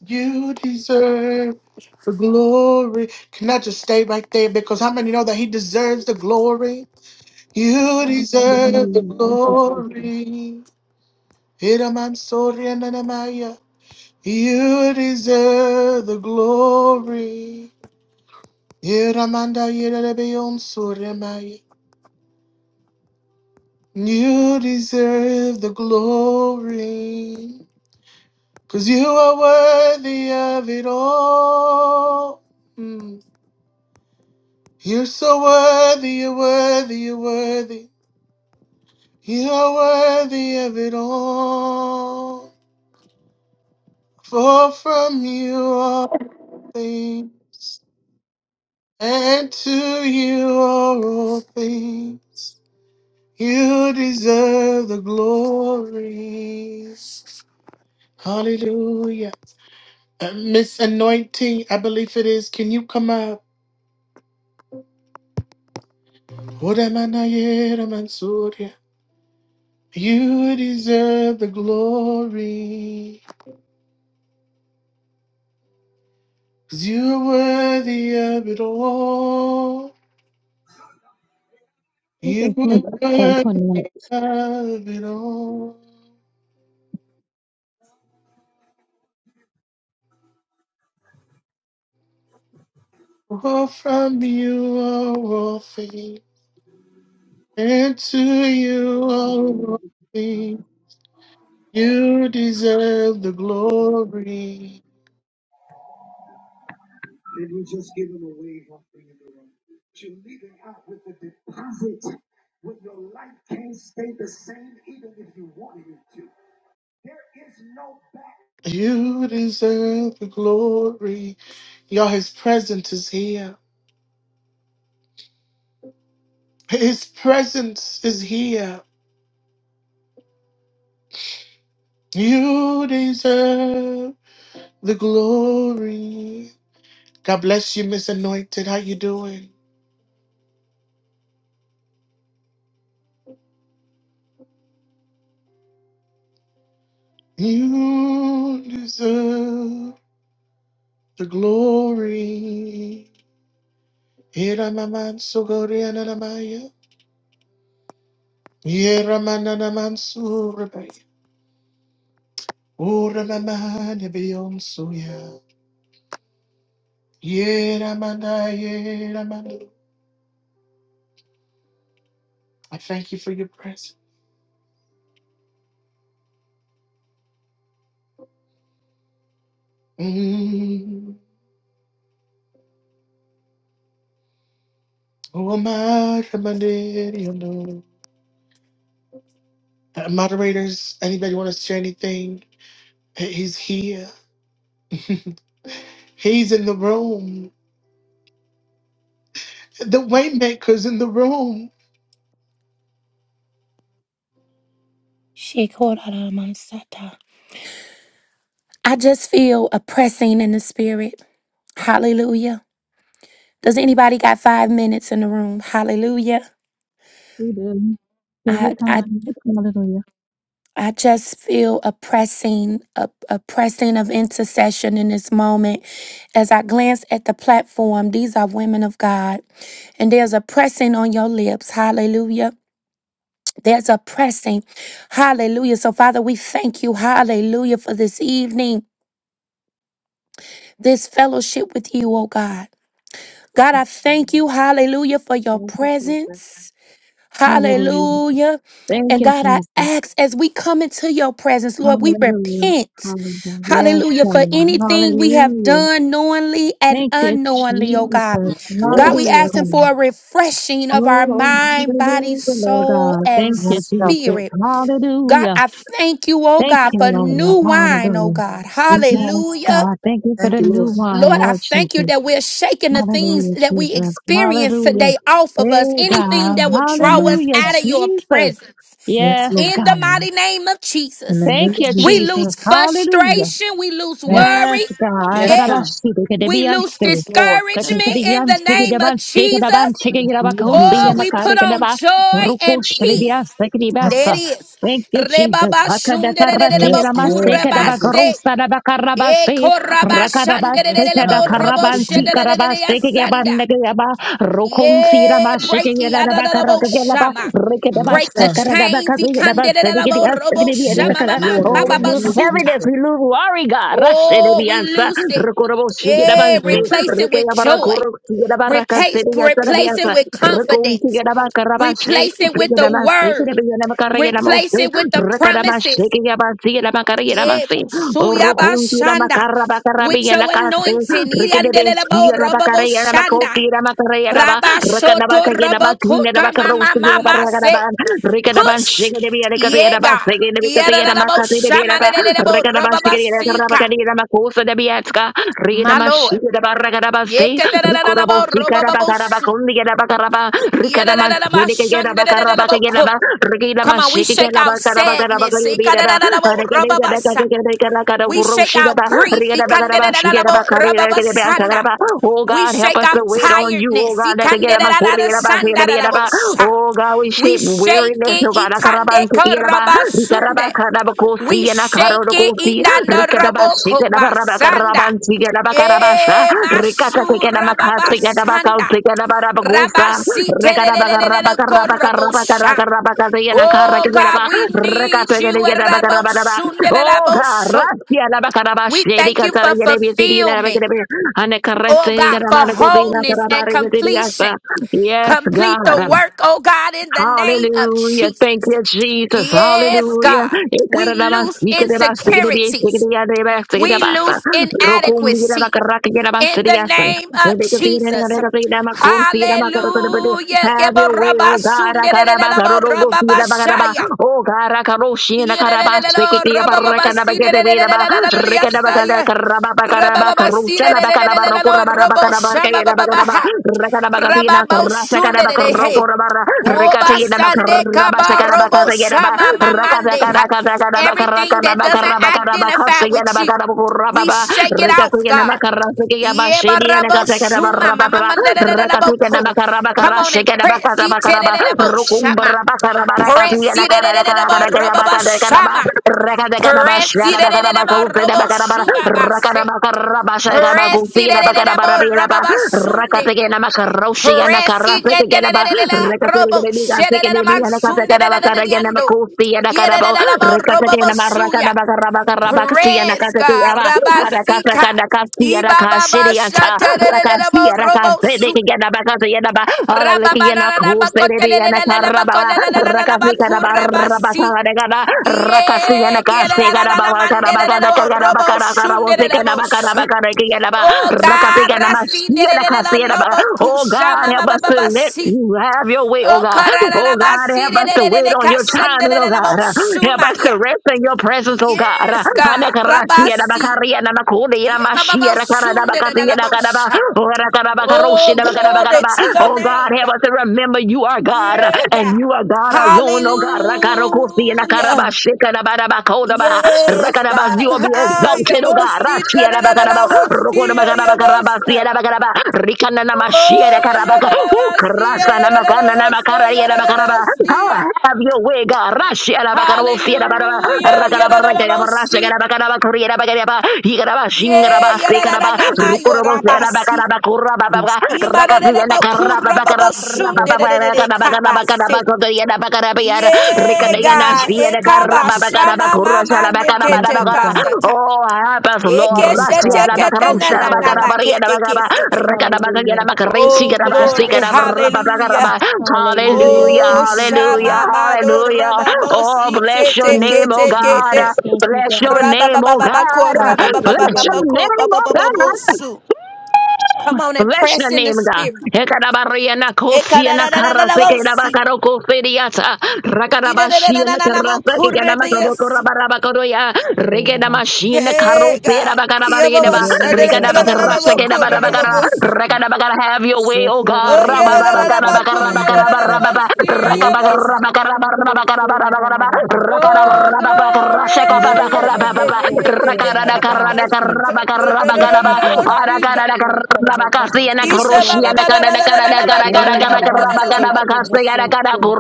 You deserve the glory. Can I just stay right there? Because how many know that he deserves the glory? You deserve the
Hallelujah. Thank you, Jesus.
glory. Hiramansoryananamaya. You deserve the glory. Hiramanda Yerabeon Soria Maya. You deserve the glory. Cause you are worthy of it all. Mm. You're so worthy, you're worthy, you're worthy. You are worthy of it all. For from you are all things, and to you are all things. You deserve the glory. Hallelujah. Uh, Miss Anointing, I believe it is. Can you come up? Odamanayera Mansoria. You deserve the glory, cause you're worthy of it all.
Look
You
us lift up
are worthy
Antoinette.
of it all. For from you are all things, and to you are all things. You deserve the glory.
Did we just give him a wave offering in the room? You leave it out with the deposit when your life can't stay the same, even if you wanted it to. There is no back
You deserve the glory. Y'all, his presence is here. His presence is here. You deserve the glory. God bless you, Miss Anointed. How you doing? You deserve the glory. Iramamansu goriananamaya. Yeramananamansu rebaya. Uramamane beyonsuya. Yeramana, yeramana. I thank you for your presence. Mm. Who am I to mandate you know? Uh, Moderators, anybody want to share anything? He- He's here. [laughs] He's in the room. The Waymaker's in the room.
Shekoraramasata. I just feel a pressing in the spirit. Hallelujah. Does anybody got five minutes in the room? Hallelujah.
We do. Take your
I I
time. Hallelujah.
I just feel a pressing, a, a pressing of intercession in this moment. As I glance at the platform, these are women of God. And there's a pressing on your lips. Hallelujah. There's a pressing. Hallelujah. So, Father, we thank you. Hallelujah for this evening, this fellowship with you, oh God. God,
Thank
I
you.
thank you, hallelujah, for your
Thank you, Jesus.
presence.
Hallelujah.
Hallelujah.
Thank
And
you,
God, I
Jesus.
ask as we come into your presence, Lord, we
Hallelujah.
repent.
Hallelujah. Yes,
Hallelujah.
God.
For anything we have
Hallelujah.
done knowingly and
Thank you,
unknowingly, oh
Jesus.
God. God,
Lord.
we
Hallelujah.
asking
God.
for a refreshing of our
Oh,
mind, body,
hallelujah, Lord
soul,
God. Thank
and
you,
Yes, God.
Jesus.
spirit. God,
Hallelujah.
I thank you, oh
Thank
God,
you,
for
Lord.
new wine, oh
Hallelujah.
God.
We
Yes,
Hallelujah.
God. Thank you for
Thank
the
you,
new
Lord.
wine,
Lord, I
Lord
thank you
Jesus.
that we're shaking the things
Hallelujah,
that we
Jesus.
experience
Hallelujah.
today off of
Hey,
us, anything
God.
that would draw us
Hallelujah,
out of your
Jesus.
presence.
Yes,
Yes,
Lord.
In the
God.
mighty name of
In the
Jesus,
name
Thank
of
you,
we
Jesus.
lose
Jesus. Hallelujah.
frustration, we lose
Yes,
Yes.
worry,
God.
Yes,
eh,
God.
Garabashi, de que
we
debían
lose
ser. Que te
discouragement in
debían
the
ser, que
Lord.
name of
debían ser, que debían
Jesus.
ser,
In
que
the name of
debían ser, que
Oh,
debían
Jesus.
we
ser,
put
que debían
on joy and peace.
Yes. Yes,
There it
God.
is.
Thank you, Jesus. Hakadakaraki,
Yes,
ramase,
Lord
Rebabashundererebekurebase.
Jesus.
kadabakarusa,
Ye
dabakarabase,
koraba
rakadabase,
Yes, God.
shandelelelebo
In the name of
robo
kadakarabansi,
Jesus.
shandelelelea
karabase,
sanda.
kegabandegeba. Rokon fira
Ye
mashike
breaky
yera da bakara
adadadabo
kela ba
shama.
reke da
Yes,
Break the
God.
sakara
chains. He kandelelelebo robo
Yes,
shama mama
Lord. In
Oh,
the
we
name
bababa
lose
of
suta.
heaviness,
Jesus. Yes,
we lose worry, God. Rashe de
Oh, we
biansa,
lose it.
rokorobo shige da
Yeah,
banse,
Lord
replace it
reke
with
ya bara
joy.
korok shige da bara
Replace,
kasere
replace it
ya
with confidence.
Reconfigurabacarabase,
Replace it with the
Riganamasi,
word. Replace
Rebeganamacarreganamose,
it with the
Recanamase,
promises.
Yabasi,
Yeah,
Lamacarreganamasi,
Bosuya Bashanda. With your
Roconsulamacarabacarabillanacaste,
anointing,
Ricanabes,
Yandelebo Robobo
Yanabacarreganamacoti,
Shanda.
Ramacarreganaba,
Rabba Shoto Robo Kota Mama
Racanabacayanabacinabacarosi,
Mama say
Yabaraganaban, Ricanaban,
push. Yeah,
Shiganabianacayanabas,
God. Yadelebo
Yanabicatayanamacati,
Shamanelebo
Recanabas,
Robobo
Yanabacarabacanabacosa, Nabiatska,
My Lord.
Rinamashirabaragarabaze,
Yekadelebo Robobo Su.
Rukoroboshikarabagarabakondigarabagaraba,
Yadelebo Shandelebo Ko.
Rikadamashinikagarabagarabagagaraba,
Come on, we shake our sadness.
Rikinamashikagarabagarabagarabagarabiraba,
Ikadelebo Robobo Sa. We shake out
Aragadagadagadagadagadagadagurushidaba,
grief. Ikandedelelelebo, rababasanda.
Rigadabagarabagarabagarabagaraba. Oh
We
God, help
shake
us to
out
wait on you. Oh
tiredness.
God,
Ikandedelelelesandadalebo,
Nakagadamakuriabasigadabiraba.
sha.
oh God, we
We
shape
shake
weariness.
it.
Oh God, Akarabantikigaraba.
itandekarabasunde.
Rikarabakarabakosi
We shake it.
yanakarodokosi.
inandarabokobasanda.
Rikadabashikadabarabakarabantsi yadabakarabasha.
Eh,
Rikatatekedabakasi
masurababasanda.
yadabakausi yadabarabakusa.
Rabasitelelelelelekorabosha.
Rekadabakarabakarabakarabakarabakasi
Oh
yanakarakisedaba.
God, we need you.
Rekatekedabakarabaraba. Oh God,
Rabosundelaboso.
Rasia
We
Labakarabashe,
thank you
Rikatara
for
Yerebisiri,
fulfillment,
Labakarabir, and a
oh
caressing
God, for
Ramanakobi,
wholeness and completion.
Nakarabari, Yes,
Complete the
God.
work, oh God, in the name of
Hallelujah. Thank
Jesus.
you, Jesus.
Yes,
Hallelujah.
God. We lose
Ekarabasikerabasikerebe,
insecurities.
sekerebeyadebeya,
We
sekerebasa.
lose inadequacy in the
Rokumbirabakarakakerabasiriyasa.
name
Have
of Jesus. Hallelujah.
your way, oh God.
Yebarabasundelebarabashaya.
Oh God,
Hey. Obasande kabarobo shama mamande. Everything that doesn't identify with you, we shake it out, God.
Rikatuyana Rakata
Yebarabo shuma mama mandarabo ko. Come on and press it tererebo shama. Press it tererebo robo shama. Press it tererebo robo shuba base. Press it tererebo robo basunde. Press it tererebo robo shere man sunde tererebo robo suya. Praise God. Rabasika. Ibababa
Yada
shatarelelelebo
rakasia
robo
rakase
su.
deke gana bakase yana ba ala leke yana kuse debe yana karabawa rakasi kana
Rababananabakotelelelelelebakolalalalabakurebasi.
barabasa de gana rakasi
Yeah,
yana kase gana bawa kana bakana
kierelelelelemandelelelebo
kana
robo
bakana kana wose kana
shundelelebo
bakana
su.
bakana ke yana ba
Oh
rakasi
God,
kana
Rasi
masia rakasi yana ba
Lobo
oh
Kusha
God
Mama
help us
Baba
to let
Basi.
you have your way oh
Oh
God oh
Karala
God
Basi
help us to wait on your
Kashan
timing oh God help
Suma.
us
Yeah.
to rest in your presence oh God
Yes, God.
Anakarasi
Rabasi.
Yanabakari Yanamakuni Yamashia Rakarabakasi Oh God,
Yebabababosundedadadabosha. Oh, glory to your name.
help
God.
us to remember you are God
Yeah,
and
God.
you are God alone. Oh God, Rakarokosi and Akaraba
Hallelujah.
Shikanabadaba Kodaba
Yes,
Rakanabas,
God.
you will be
Ay,
exalted, oh God.
yabosita,
Rachianabakaraba
dadadadabosio,
Rokodabakarabakaraba
Oh,
Sianabakaraba God,
yadadabasia, yadadadabosa,
Ukrasanamakananamakarayanabakaraba. Ah,
yadadadabosia.
Have your way, God. Rashianabakarabo Fianabaraba
Hallelujah.
Rakanaba
Yadadadabosi.
Rakanabarashakanabakaraba Koreanabakariaba Yikaraba
Yeah,
Shingaraba Sekanaba Oh,
yadadadadamayo,
help us,
Jesus. Thank you, Lord.
Imadadadabakurababashundedededekabase. Yeah,
Hallelujah.
God.
Thank you,
Ekaba
Jesus.
shama mama
Thank
nekete
you, God.
kasata.
Thank
Lord.
you,
Hallelujah,
Ekeshete
Father.
kete
Thank
na
you,
na na
Lord.
makete kesete.
Hallelujah.
Oh,
Thank you, God.
glory. Hallelujah.
Hallelujah.
Oh,
Thank you, God.
hallelujah,
shama mado
hallelujah. Oh,
rababosi
bless your
tete
Thank
name,
you,
oh
kete
God.
kete.
Jesus. Thank you,
Bless your
God.
name, oh
Rababababako,
God. Bless your
Hallelujah.
rabababababako,
name, oh God.
babababosu. Come on and
Bless your
press in the
name, God.
spirit.
Ekadabariana kosiana karaseke
Ekadadadadadabosi.
dabakaroko feriata. Rakadabashiana karaseke gadabakaroko
Idadadadadadadamokorebeyasi.
rabarabakaroya. Rekedamashina
Hey,
karose
God.
dabakarabariyadaba. Rekadabakaraseke dabadabakara.
Yababashadadadadadadamokorolobosi.
Rekadabakara. Have your way, oh God.
Oh,
Rabababakarabakarabakarabarababa.
yadadadadadamokoyadadadadamosi. Ayabosa.
Rakabakarabakarabarabakarabarabaraba. Rabba
Oh,
Sunday,
glory. Yeah, yeah, yeah, yeah, yeah, yeah, yeah. Kababasata.
Thank you, God.
Yadadadadadamosi,
Thank
God.
you, incredible God. Thank you,
Isha baba
Lord.
bada da da da da da ba kora
Ora
da da
na
da
ba
da da da
se
ba
ke
kusi.
boko se.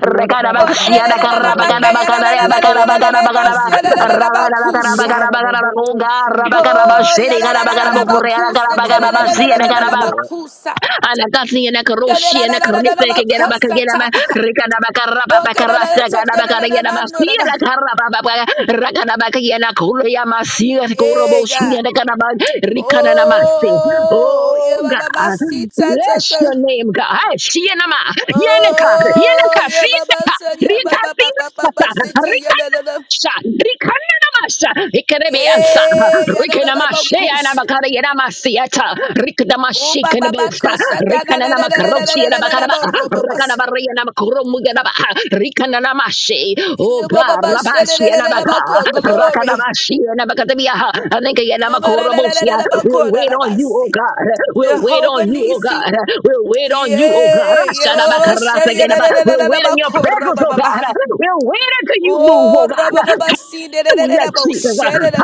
Ora da da
Ola da
ba
da
se
da da
ke
da
re
ba
re.
ke ya da da da da da
Boko
da
ba
da da da se
shande
da
se.
da da da ba
Ire da
kusha.
da do boko shande se.
Oh, yeah, la, la, la, la, la,
Thank
ba,
you,
kusa, te, la,
incredible
la, la,
God.
la, la,
Thank
la, la, la,
you,
ba,
Lord.
kusa.
Alakasi and
Ya, la, la,
Akaroshi and
la, la, la, la, la, ba,
Akarika
kusa,
Ganabakarama,
ta. [laughs] Oh, ka, la, la, la,
Rikanabakarabakarasa,
ta, ta, la, la, la, ma, no, la, la.
Ganabakarabasira, Karababa, Rakanabakayana Kuraya Masia,
Hey,
Koroboshi
God.
and Kanaba, Rikanamasi.
Oh, yeah,
Oh
ba, ba, ba, si,
God,
ta, ta,
bless
ta.
your name, God. Shianama, Yanaka,
Oh,
Yanaka,
yeah, ba, ba,
Sitaka,
sa, yeah, ba,
Rika,
ba, ba, ba, ba, ba, si, ta, yeah,
Sitaka,
la, la, la.
Rikanamasha, Rikerebeasa,
Yeah, yeah, la, la, la, ba,
Rikanamashea, and
kush.
Abakarianamasiata,
Oh,
Rikadamashi,
ba, ba, ba,
Kanabosa,
kusa, ta, la, la, la, la, la, la,
Rikanamakarosi,
la,
and
la, la, la,
Abakaraba,
ba, ro, ba, ba,
Rakanabaria, and Abakurumuganaba, Rikanamashi, O God, Labashi We'll
Glory.
wait on you, oh God. We'll wait on
Jehovah
you, oh
Nisi.
God. We'll
Oh,
wait on you, oh God.
yeah,
We'll wait in your presence, oh God. We'll wait until you move, oh God. Hallelujah, Jesus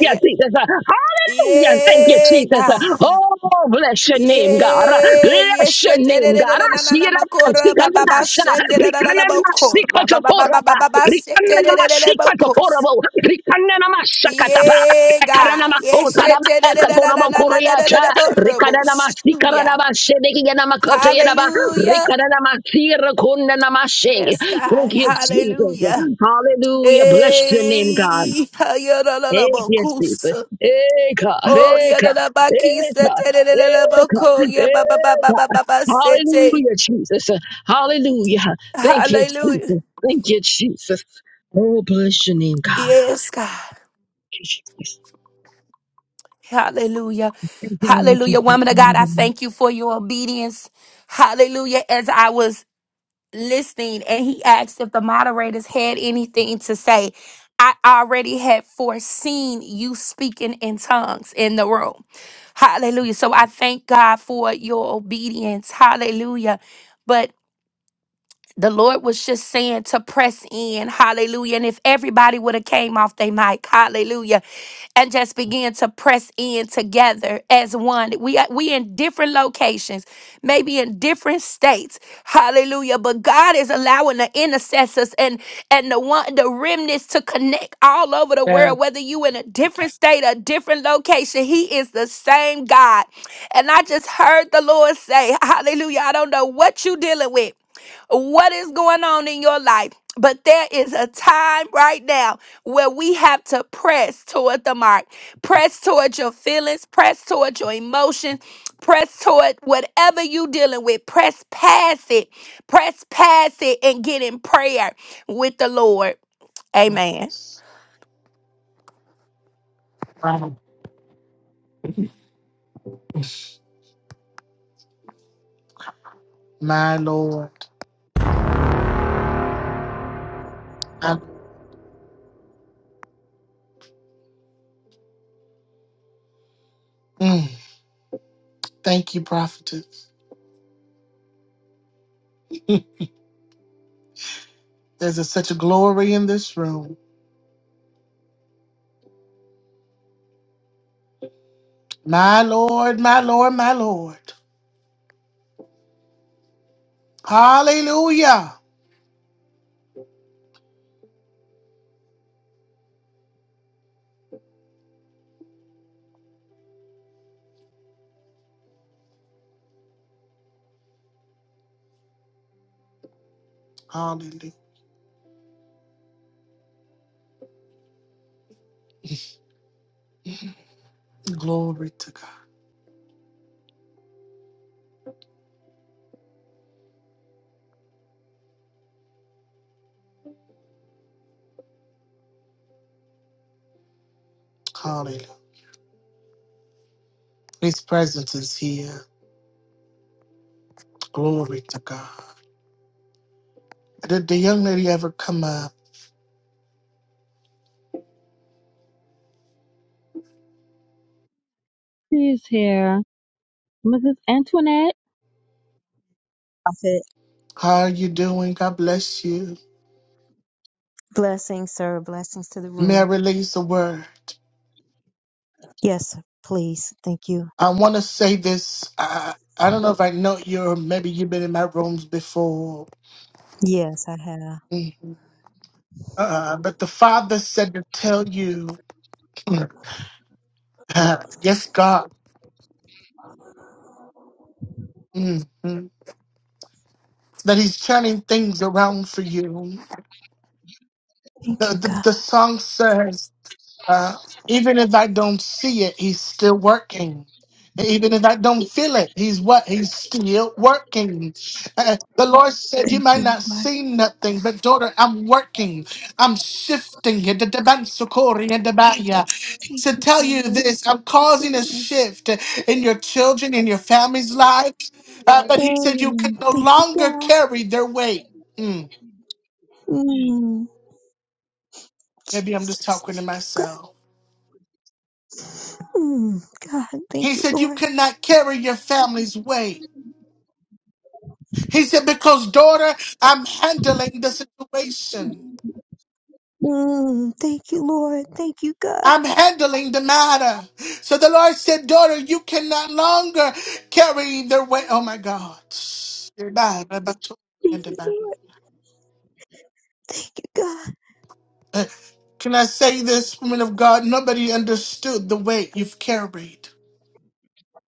you, Jesus. Hallelujah. Thank you,
Yeah,
Jesus.
God.
Oh, bless your name, God. Bless your name, God. Ashirakatsikanadasha. Rikananamasikotokoraba.
Yeah, yes,
Rikananamasikotokorabo. Rikananamasakataba.
Yeah, God. Yes, shit, da- da- da- da- da- da-
Rikananamakotarabakakorobo
da- da- da- da-
kuriacha.
da- horrible. Hallelujah.
Rikananamasikaranabashedekiyanamakotoyedaba.
Hallelujah.
Rikananamasirakunanamashe.
Yes,
Thank
God.
you, Jesus.
Hallelujah.
Hallelujah. Bless your name, God.
Hey, ha- ya- la- la-
Hey,
la- bo-
yes,
kus.
Jesus. Eka,
Oh, yeah,
eka,
the bakisa,
eka, eka,
the yeah, ba ba ba ba
eka.
ba ba ba sete.
Hallelujah, Jesus. Hallelujah. Thank you,
Hallelujah.
Jesus. Thank you, Jesus. Oh, bless your name, God.
Yes, God.
Thank you, Jesus.
Hallelujah.
Thank you, Lord
Hallelujah.
Jesus.
Woman of God, I thank you for your obedience. Hallelujah. As I was listening and he asked if the moderators had anything to say. I already had foreseen you speaking in tongues in the room. Hallelujah. So I thank God for your obedience. Hallelujah. But the Lord was just saying to press in, hallelujah. And if everybody would have came off their mic, hallelujah, and just began to press in together as one. We are we in different locations, maybe in different states, hallelujah. But God is allowing the intercessors and and the one the remnants to connect all over the
Yeah,
world, whether you in a different state, a different location, He is the same God. And I just heard the Lord say, Hallelujah. I don't know what you dealing with what is going on in your life. But there is a time right now where we have to press toward the mark, press toward your feelings, press toward your emotions, press toward whatever you dealing with. Press past it, press past it, and get in prayer with the Lord. Amen.
my Lord. I- mm, thank you, prophetess. There's a, such a glory in this room. My Lord, my Lord, my Lord. Hallelujah. Hallelujah. Glory to God. Hallelujah. His presence is here. Glory to God. Did the young lady ever come up?
She's here. Mrs. Antoinette.
Prophet,
How are you doing? God bless you.
blessings, sir. Blessings to the
May I
room.
release a word?
Yes, please. Thank you.
I want to say this. I, I don't know if I know you or maybe you've been in my rooms before.
Yes, I have.
Mhm. Uh, but the Father said to tell you, [clears throat] yes, God, mhm, that He's turning things around for you. The,
Thank you,
the,
God.
the song says, Uh, even if I don't see it, he's still working. Even if I don't feel it, he's what? He's still working. Uh, the Lord said, You
Thank
might
you,
not
Lord.
see nothing, but daughter, I'm working. I'm shifting. He said,
Thank you,
Tell you
Father.
this, I'm causing a shift in your children, in your family's lives. Uh, but he said, You can
Mm,
no
Thank you,
longer
God.
carry their weight. Mm,
Mm,
maybe I'm just
Jesus.
talking to
Thank you, God.
myself.
Mm, God,
He
thank you,
said, You
Lord.
cannot carry your family's weight. He said, Because, daughter, I'm handling the situation.
Mm, thank you, Lord. Thank you, God.
I'm handling the matter. So the Lord said, Daughter, you cannot longer carry the weight. Oh my God.
Thank you, Lord. Thank you, God.
Can I say this, woman of God? Nobody understood the weight you've carried.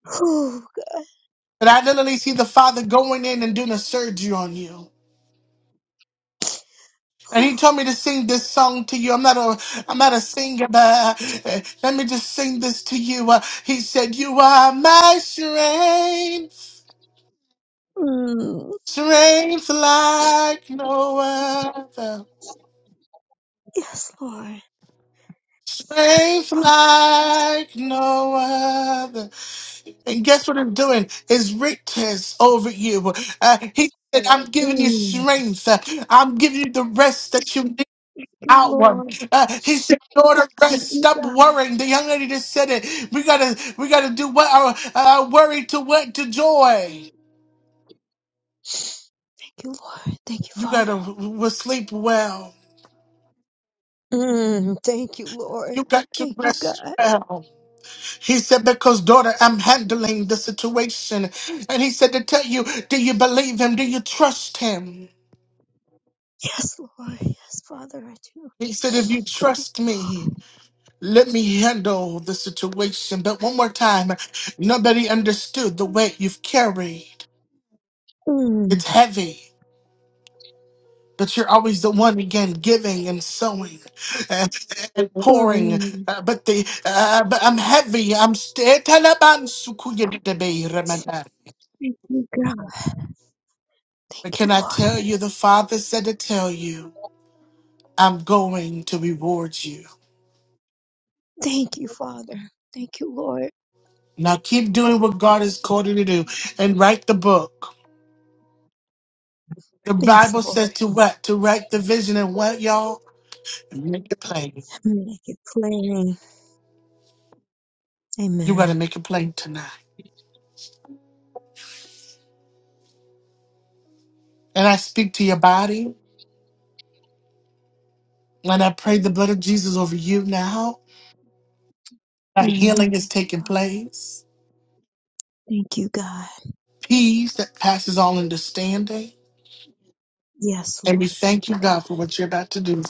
Oh,
But I literally see the Father going in and doing a surgery on you. And he
God.
told me to sing this song to you. I'm not a, I'm not a singer, but uh, let me just sing this to you. Uh, he said, "You are my strength,
Mm,
strength like no other,
yes, Lord. Thank you,
strength
Father.
like no other." And guess what I'm doing? Is riches over you. Uh, he said, "I'm giving you
Mm,
strength. Uh, I'm giving you the rest that you need."
thank you,
outward.
Lord.
Uh, he said, "Daughter,
Thank
rest.
you,
Stop
God.
worrying." The young lady just said it. We gotta, we gotta do what our uh, worry to what to joy.
Thank you, Lord. Thank you,
You gotta
Father.
w- sleep well.
Mm, thank you, Lord.
You got to
Thank you,
rest
God.
well. He said, because daughter, I'm handling the situation. And he said to tell you, do you believe him? Do you trust him?
Yes, Lord. Yes, Father, I do.
He said, if you
Thank
trust
you,
me, let me handle the situation. But one more time, nobody understood the weight you've carried.
Lord. Mm,
It's heavy. But you're always the one again giving and sowing uh, and pouring.
mm,
Uh, but the uh, but I'm heavy. I'm st- Taliban sukuya de be Ramadan.
thank you, God.
But
Thank you,
can I
Lord.
tell you? The Father said to tell you, I'm going to reward you.
Thank you, Father. Thank you, Lord.
Now keep doing what God has called you to do and write the book. The
Yes,
Bible
Lord.
says to what? To write the vision and what, y'all? Make it plain.
Make it plain.
You
Amen.
gotta make it plain tonight. And I speak to your body, and I pray the blood of Jesus over you now. That
Mm,
healing is
thank you,
taking
Father.
place.
Thank you, God.
Peace that passes all understanding.
Yes,
And we
Lord. Thank
thank
you,
you,
God.
God, for what you're about to do.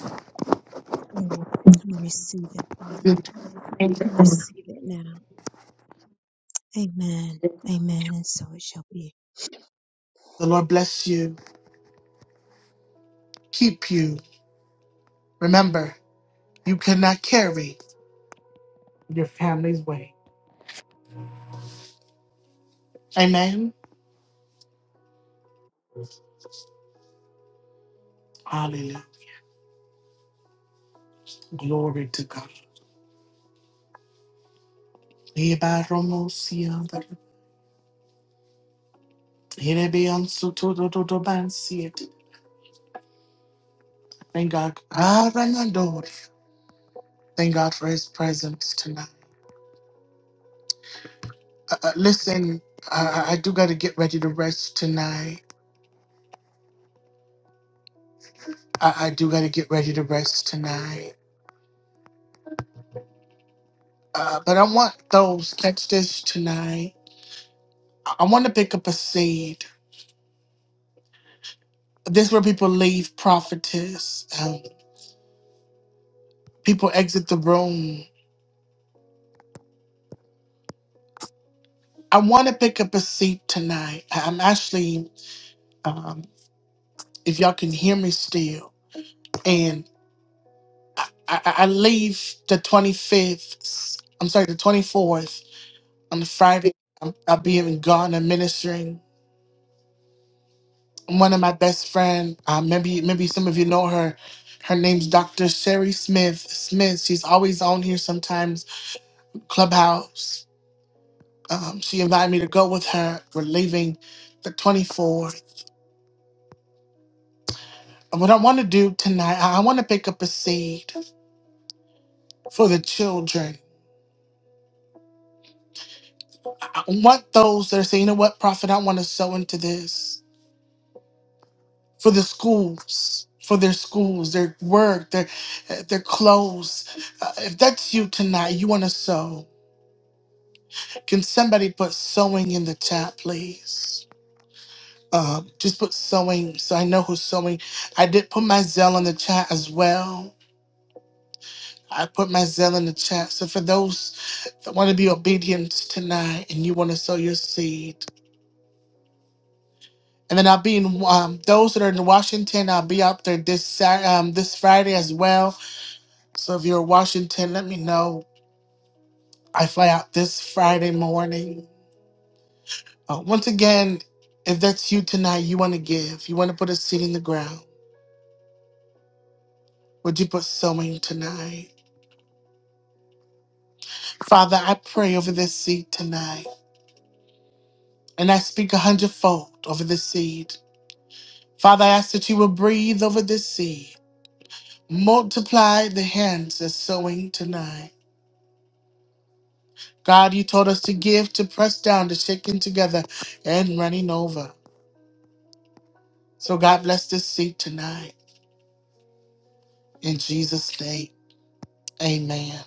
I receive it, Father. I receive it now. Amen. Amen. And so it shall be.
The Lord bless you, keep you. Remember, you cannot carry your family's weight. Amen. Hallelujah. Glory to God. Ibaromosia. Irebeonsutudududubansiet. Thank God. Aranadori. Thank God for his presence tonight. Uh, uh, listen, I, I I do got to get ready to rest tonight. I, I do got to get ready to rest tonight. Uh, but I want those, catch this tonight. I, I want to pick up a seed. This is where people leave prophetess. Um, people exit the room. I want to pick up a seed tonight. I- I'm actually, um, if y'all can hear me still, and I, I, I leave the 25th. I'm sorry, the 24th on the Friday. I'm, I'll be in Ghana ministering one of my best friend. Uh, maybe maybe some of you know her. Her name's Dr. Sherry Smith. Smith. She's always on here sometimes. Clubhouse. Um, she invited me to go with her. We're leaving the 24th. And What I want to do tonight, I want to pick up a seed for the children. I I want those that are saying, you know what, Prophet, I want to sow into this for the schools, for their schools, their work, their their clothes. Uh, if that's you tonight, you want to sow. Can somebody put sewing in the chat, please? Um, just put sewing so I know who's sewing. I did put my Zell in the chat as well. I put my Zell in the chat. So for those that want to be obedient tonight and you want to sow your seed. And then I'll be in um, those that are in Washington. I'll be out there this Saturday, um, this Friday as well. So if you're in Washington, let me know. I fly out this Friday morning. Uh, once again, if that's you tonight, you want to give, you want to put a seed in the ground Would you put sowing tonight? Father, I pray over this seed tonight, and I speak a hundredfold over this seed. Father, I ask that you will breathe over this seed. Multiply the hands that's sowing tonight. God, you told us to give, to press down, to shaking together, and running over. So God bless this seed tonight. In Jesus' name, amen.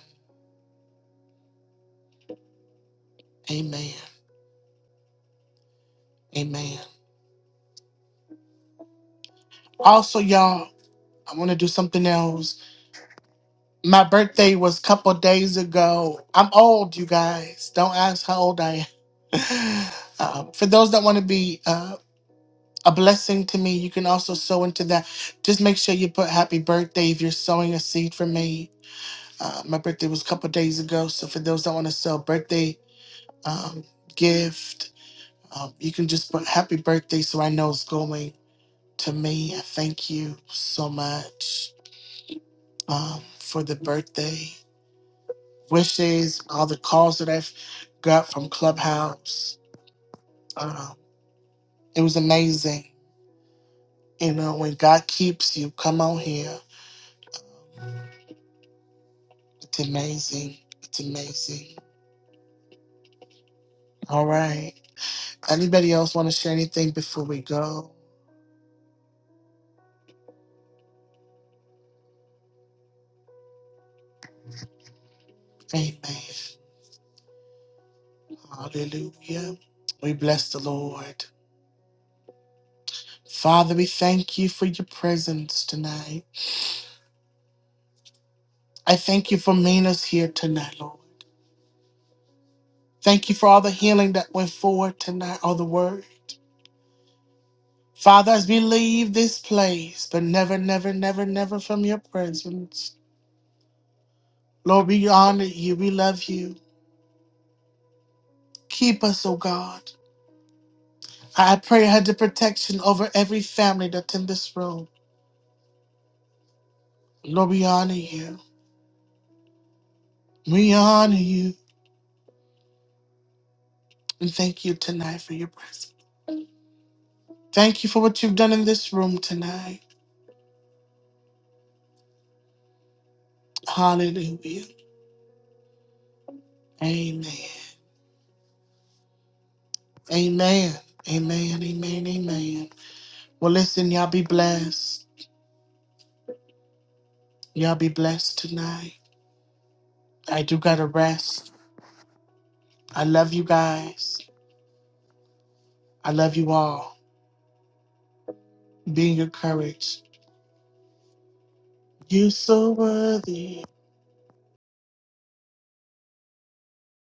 Amen. Amen. Also, y'all, I want to do something else. My birthday was a couple days ago. I'm old, you guys. Don't ask how old I am. [laughs] Um, for those that want to be uh, a blessing to me, you can also sow into that. Just make sure you put happy birthday if you're sowing a seed for me. Uh, my birthday was a couple days ago. So for those that want to sell birthday um, gift, um, you can just put happy birthday so I know it's going to me. I thank you so much um, for the birthday. wishes, all the calls that I've got from Clubhouse. Um, it was amazing. You know, when God keeps you, come on here. It's amazing. It's amazing. All right. Anybody else want to share anything before we go? Amen. Hallelujah. We bless the Lord. Father, we thank you for your presence tonight. I thank you for meeting us here tonight, Lord. Thank you for all the healing that went forward tonight, all the word. Father, as we leave this place, but never, never, never, never from your presence. Lord, we honor you. We love you. Keep us, oh God. I pray I had the protection over every family that's in this room. Lord, we honor you. We honor you. And thank you tonight for your presence. Thank you for what you've done in this room tonight. Hallelujah. Amen. Amen. Amen. Amen. Amen. Well, listen, y'all be blessed. Y'all be blessed tonight. I do gotta rest. I love you guys. I love you all. Be encouraged. You so worthy.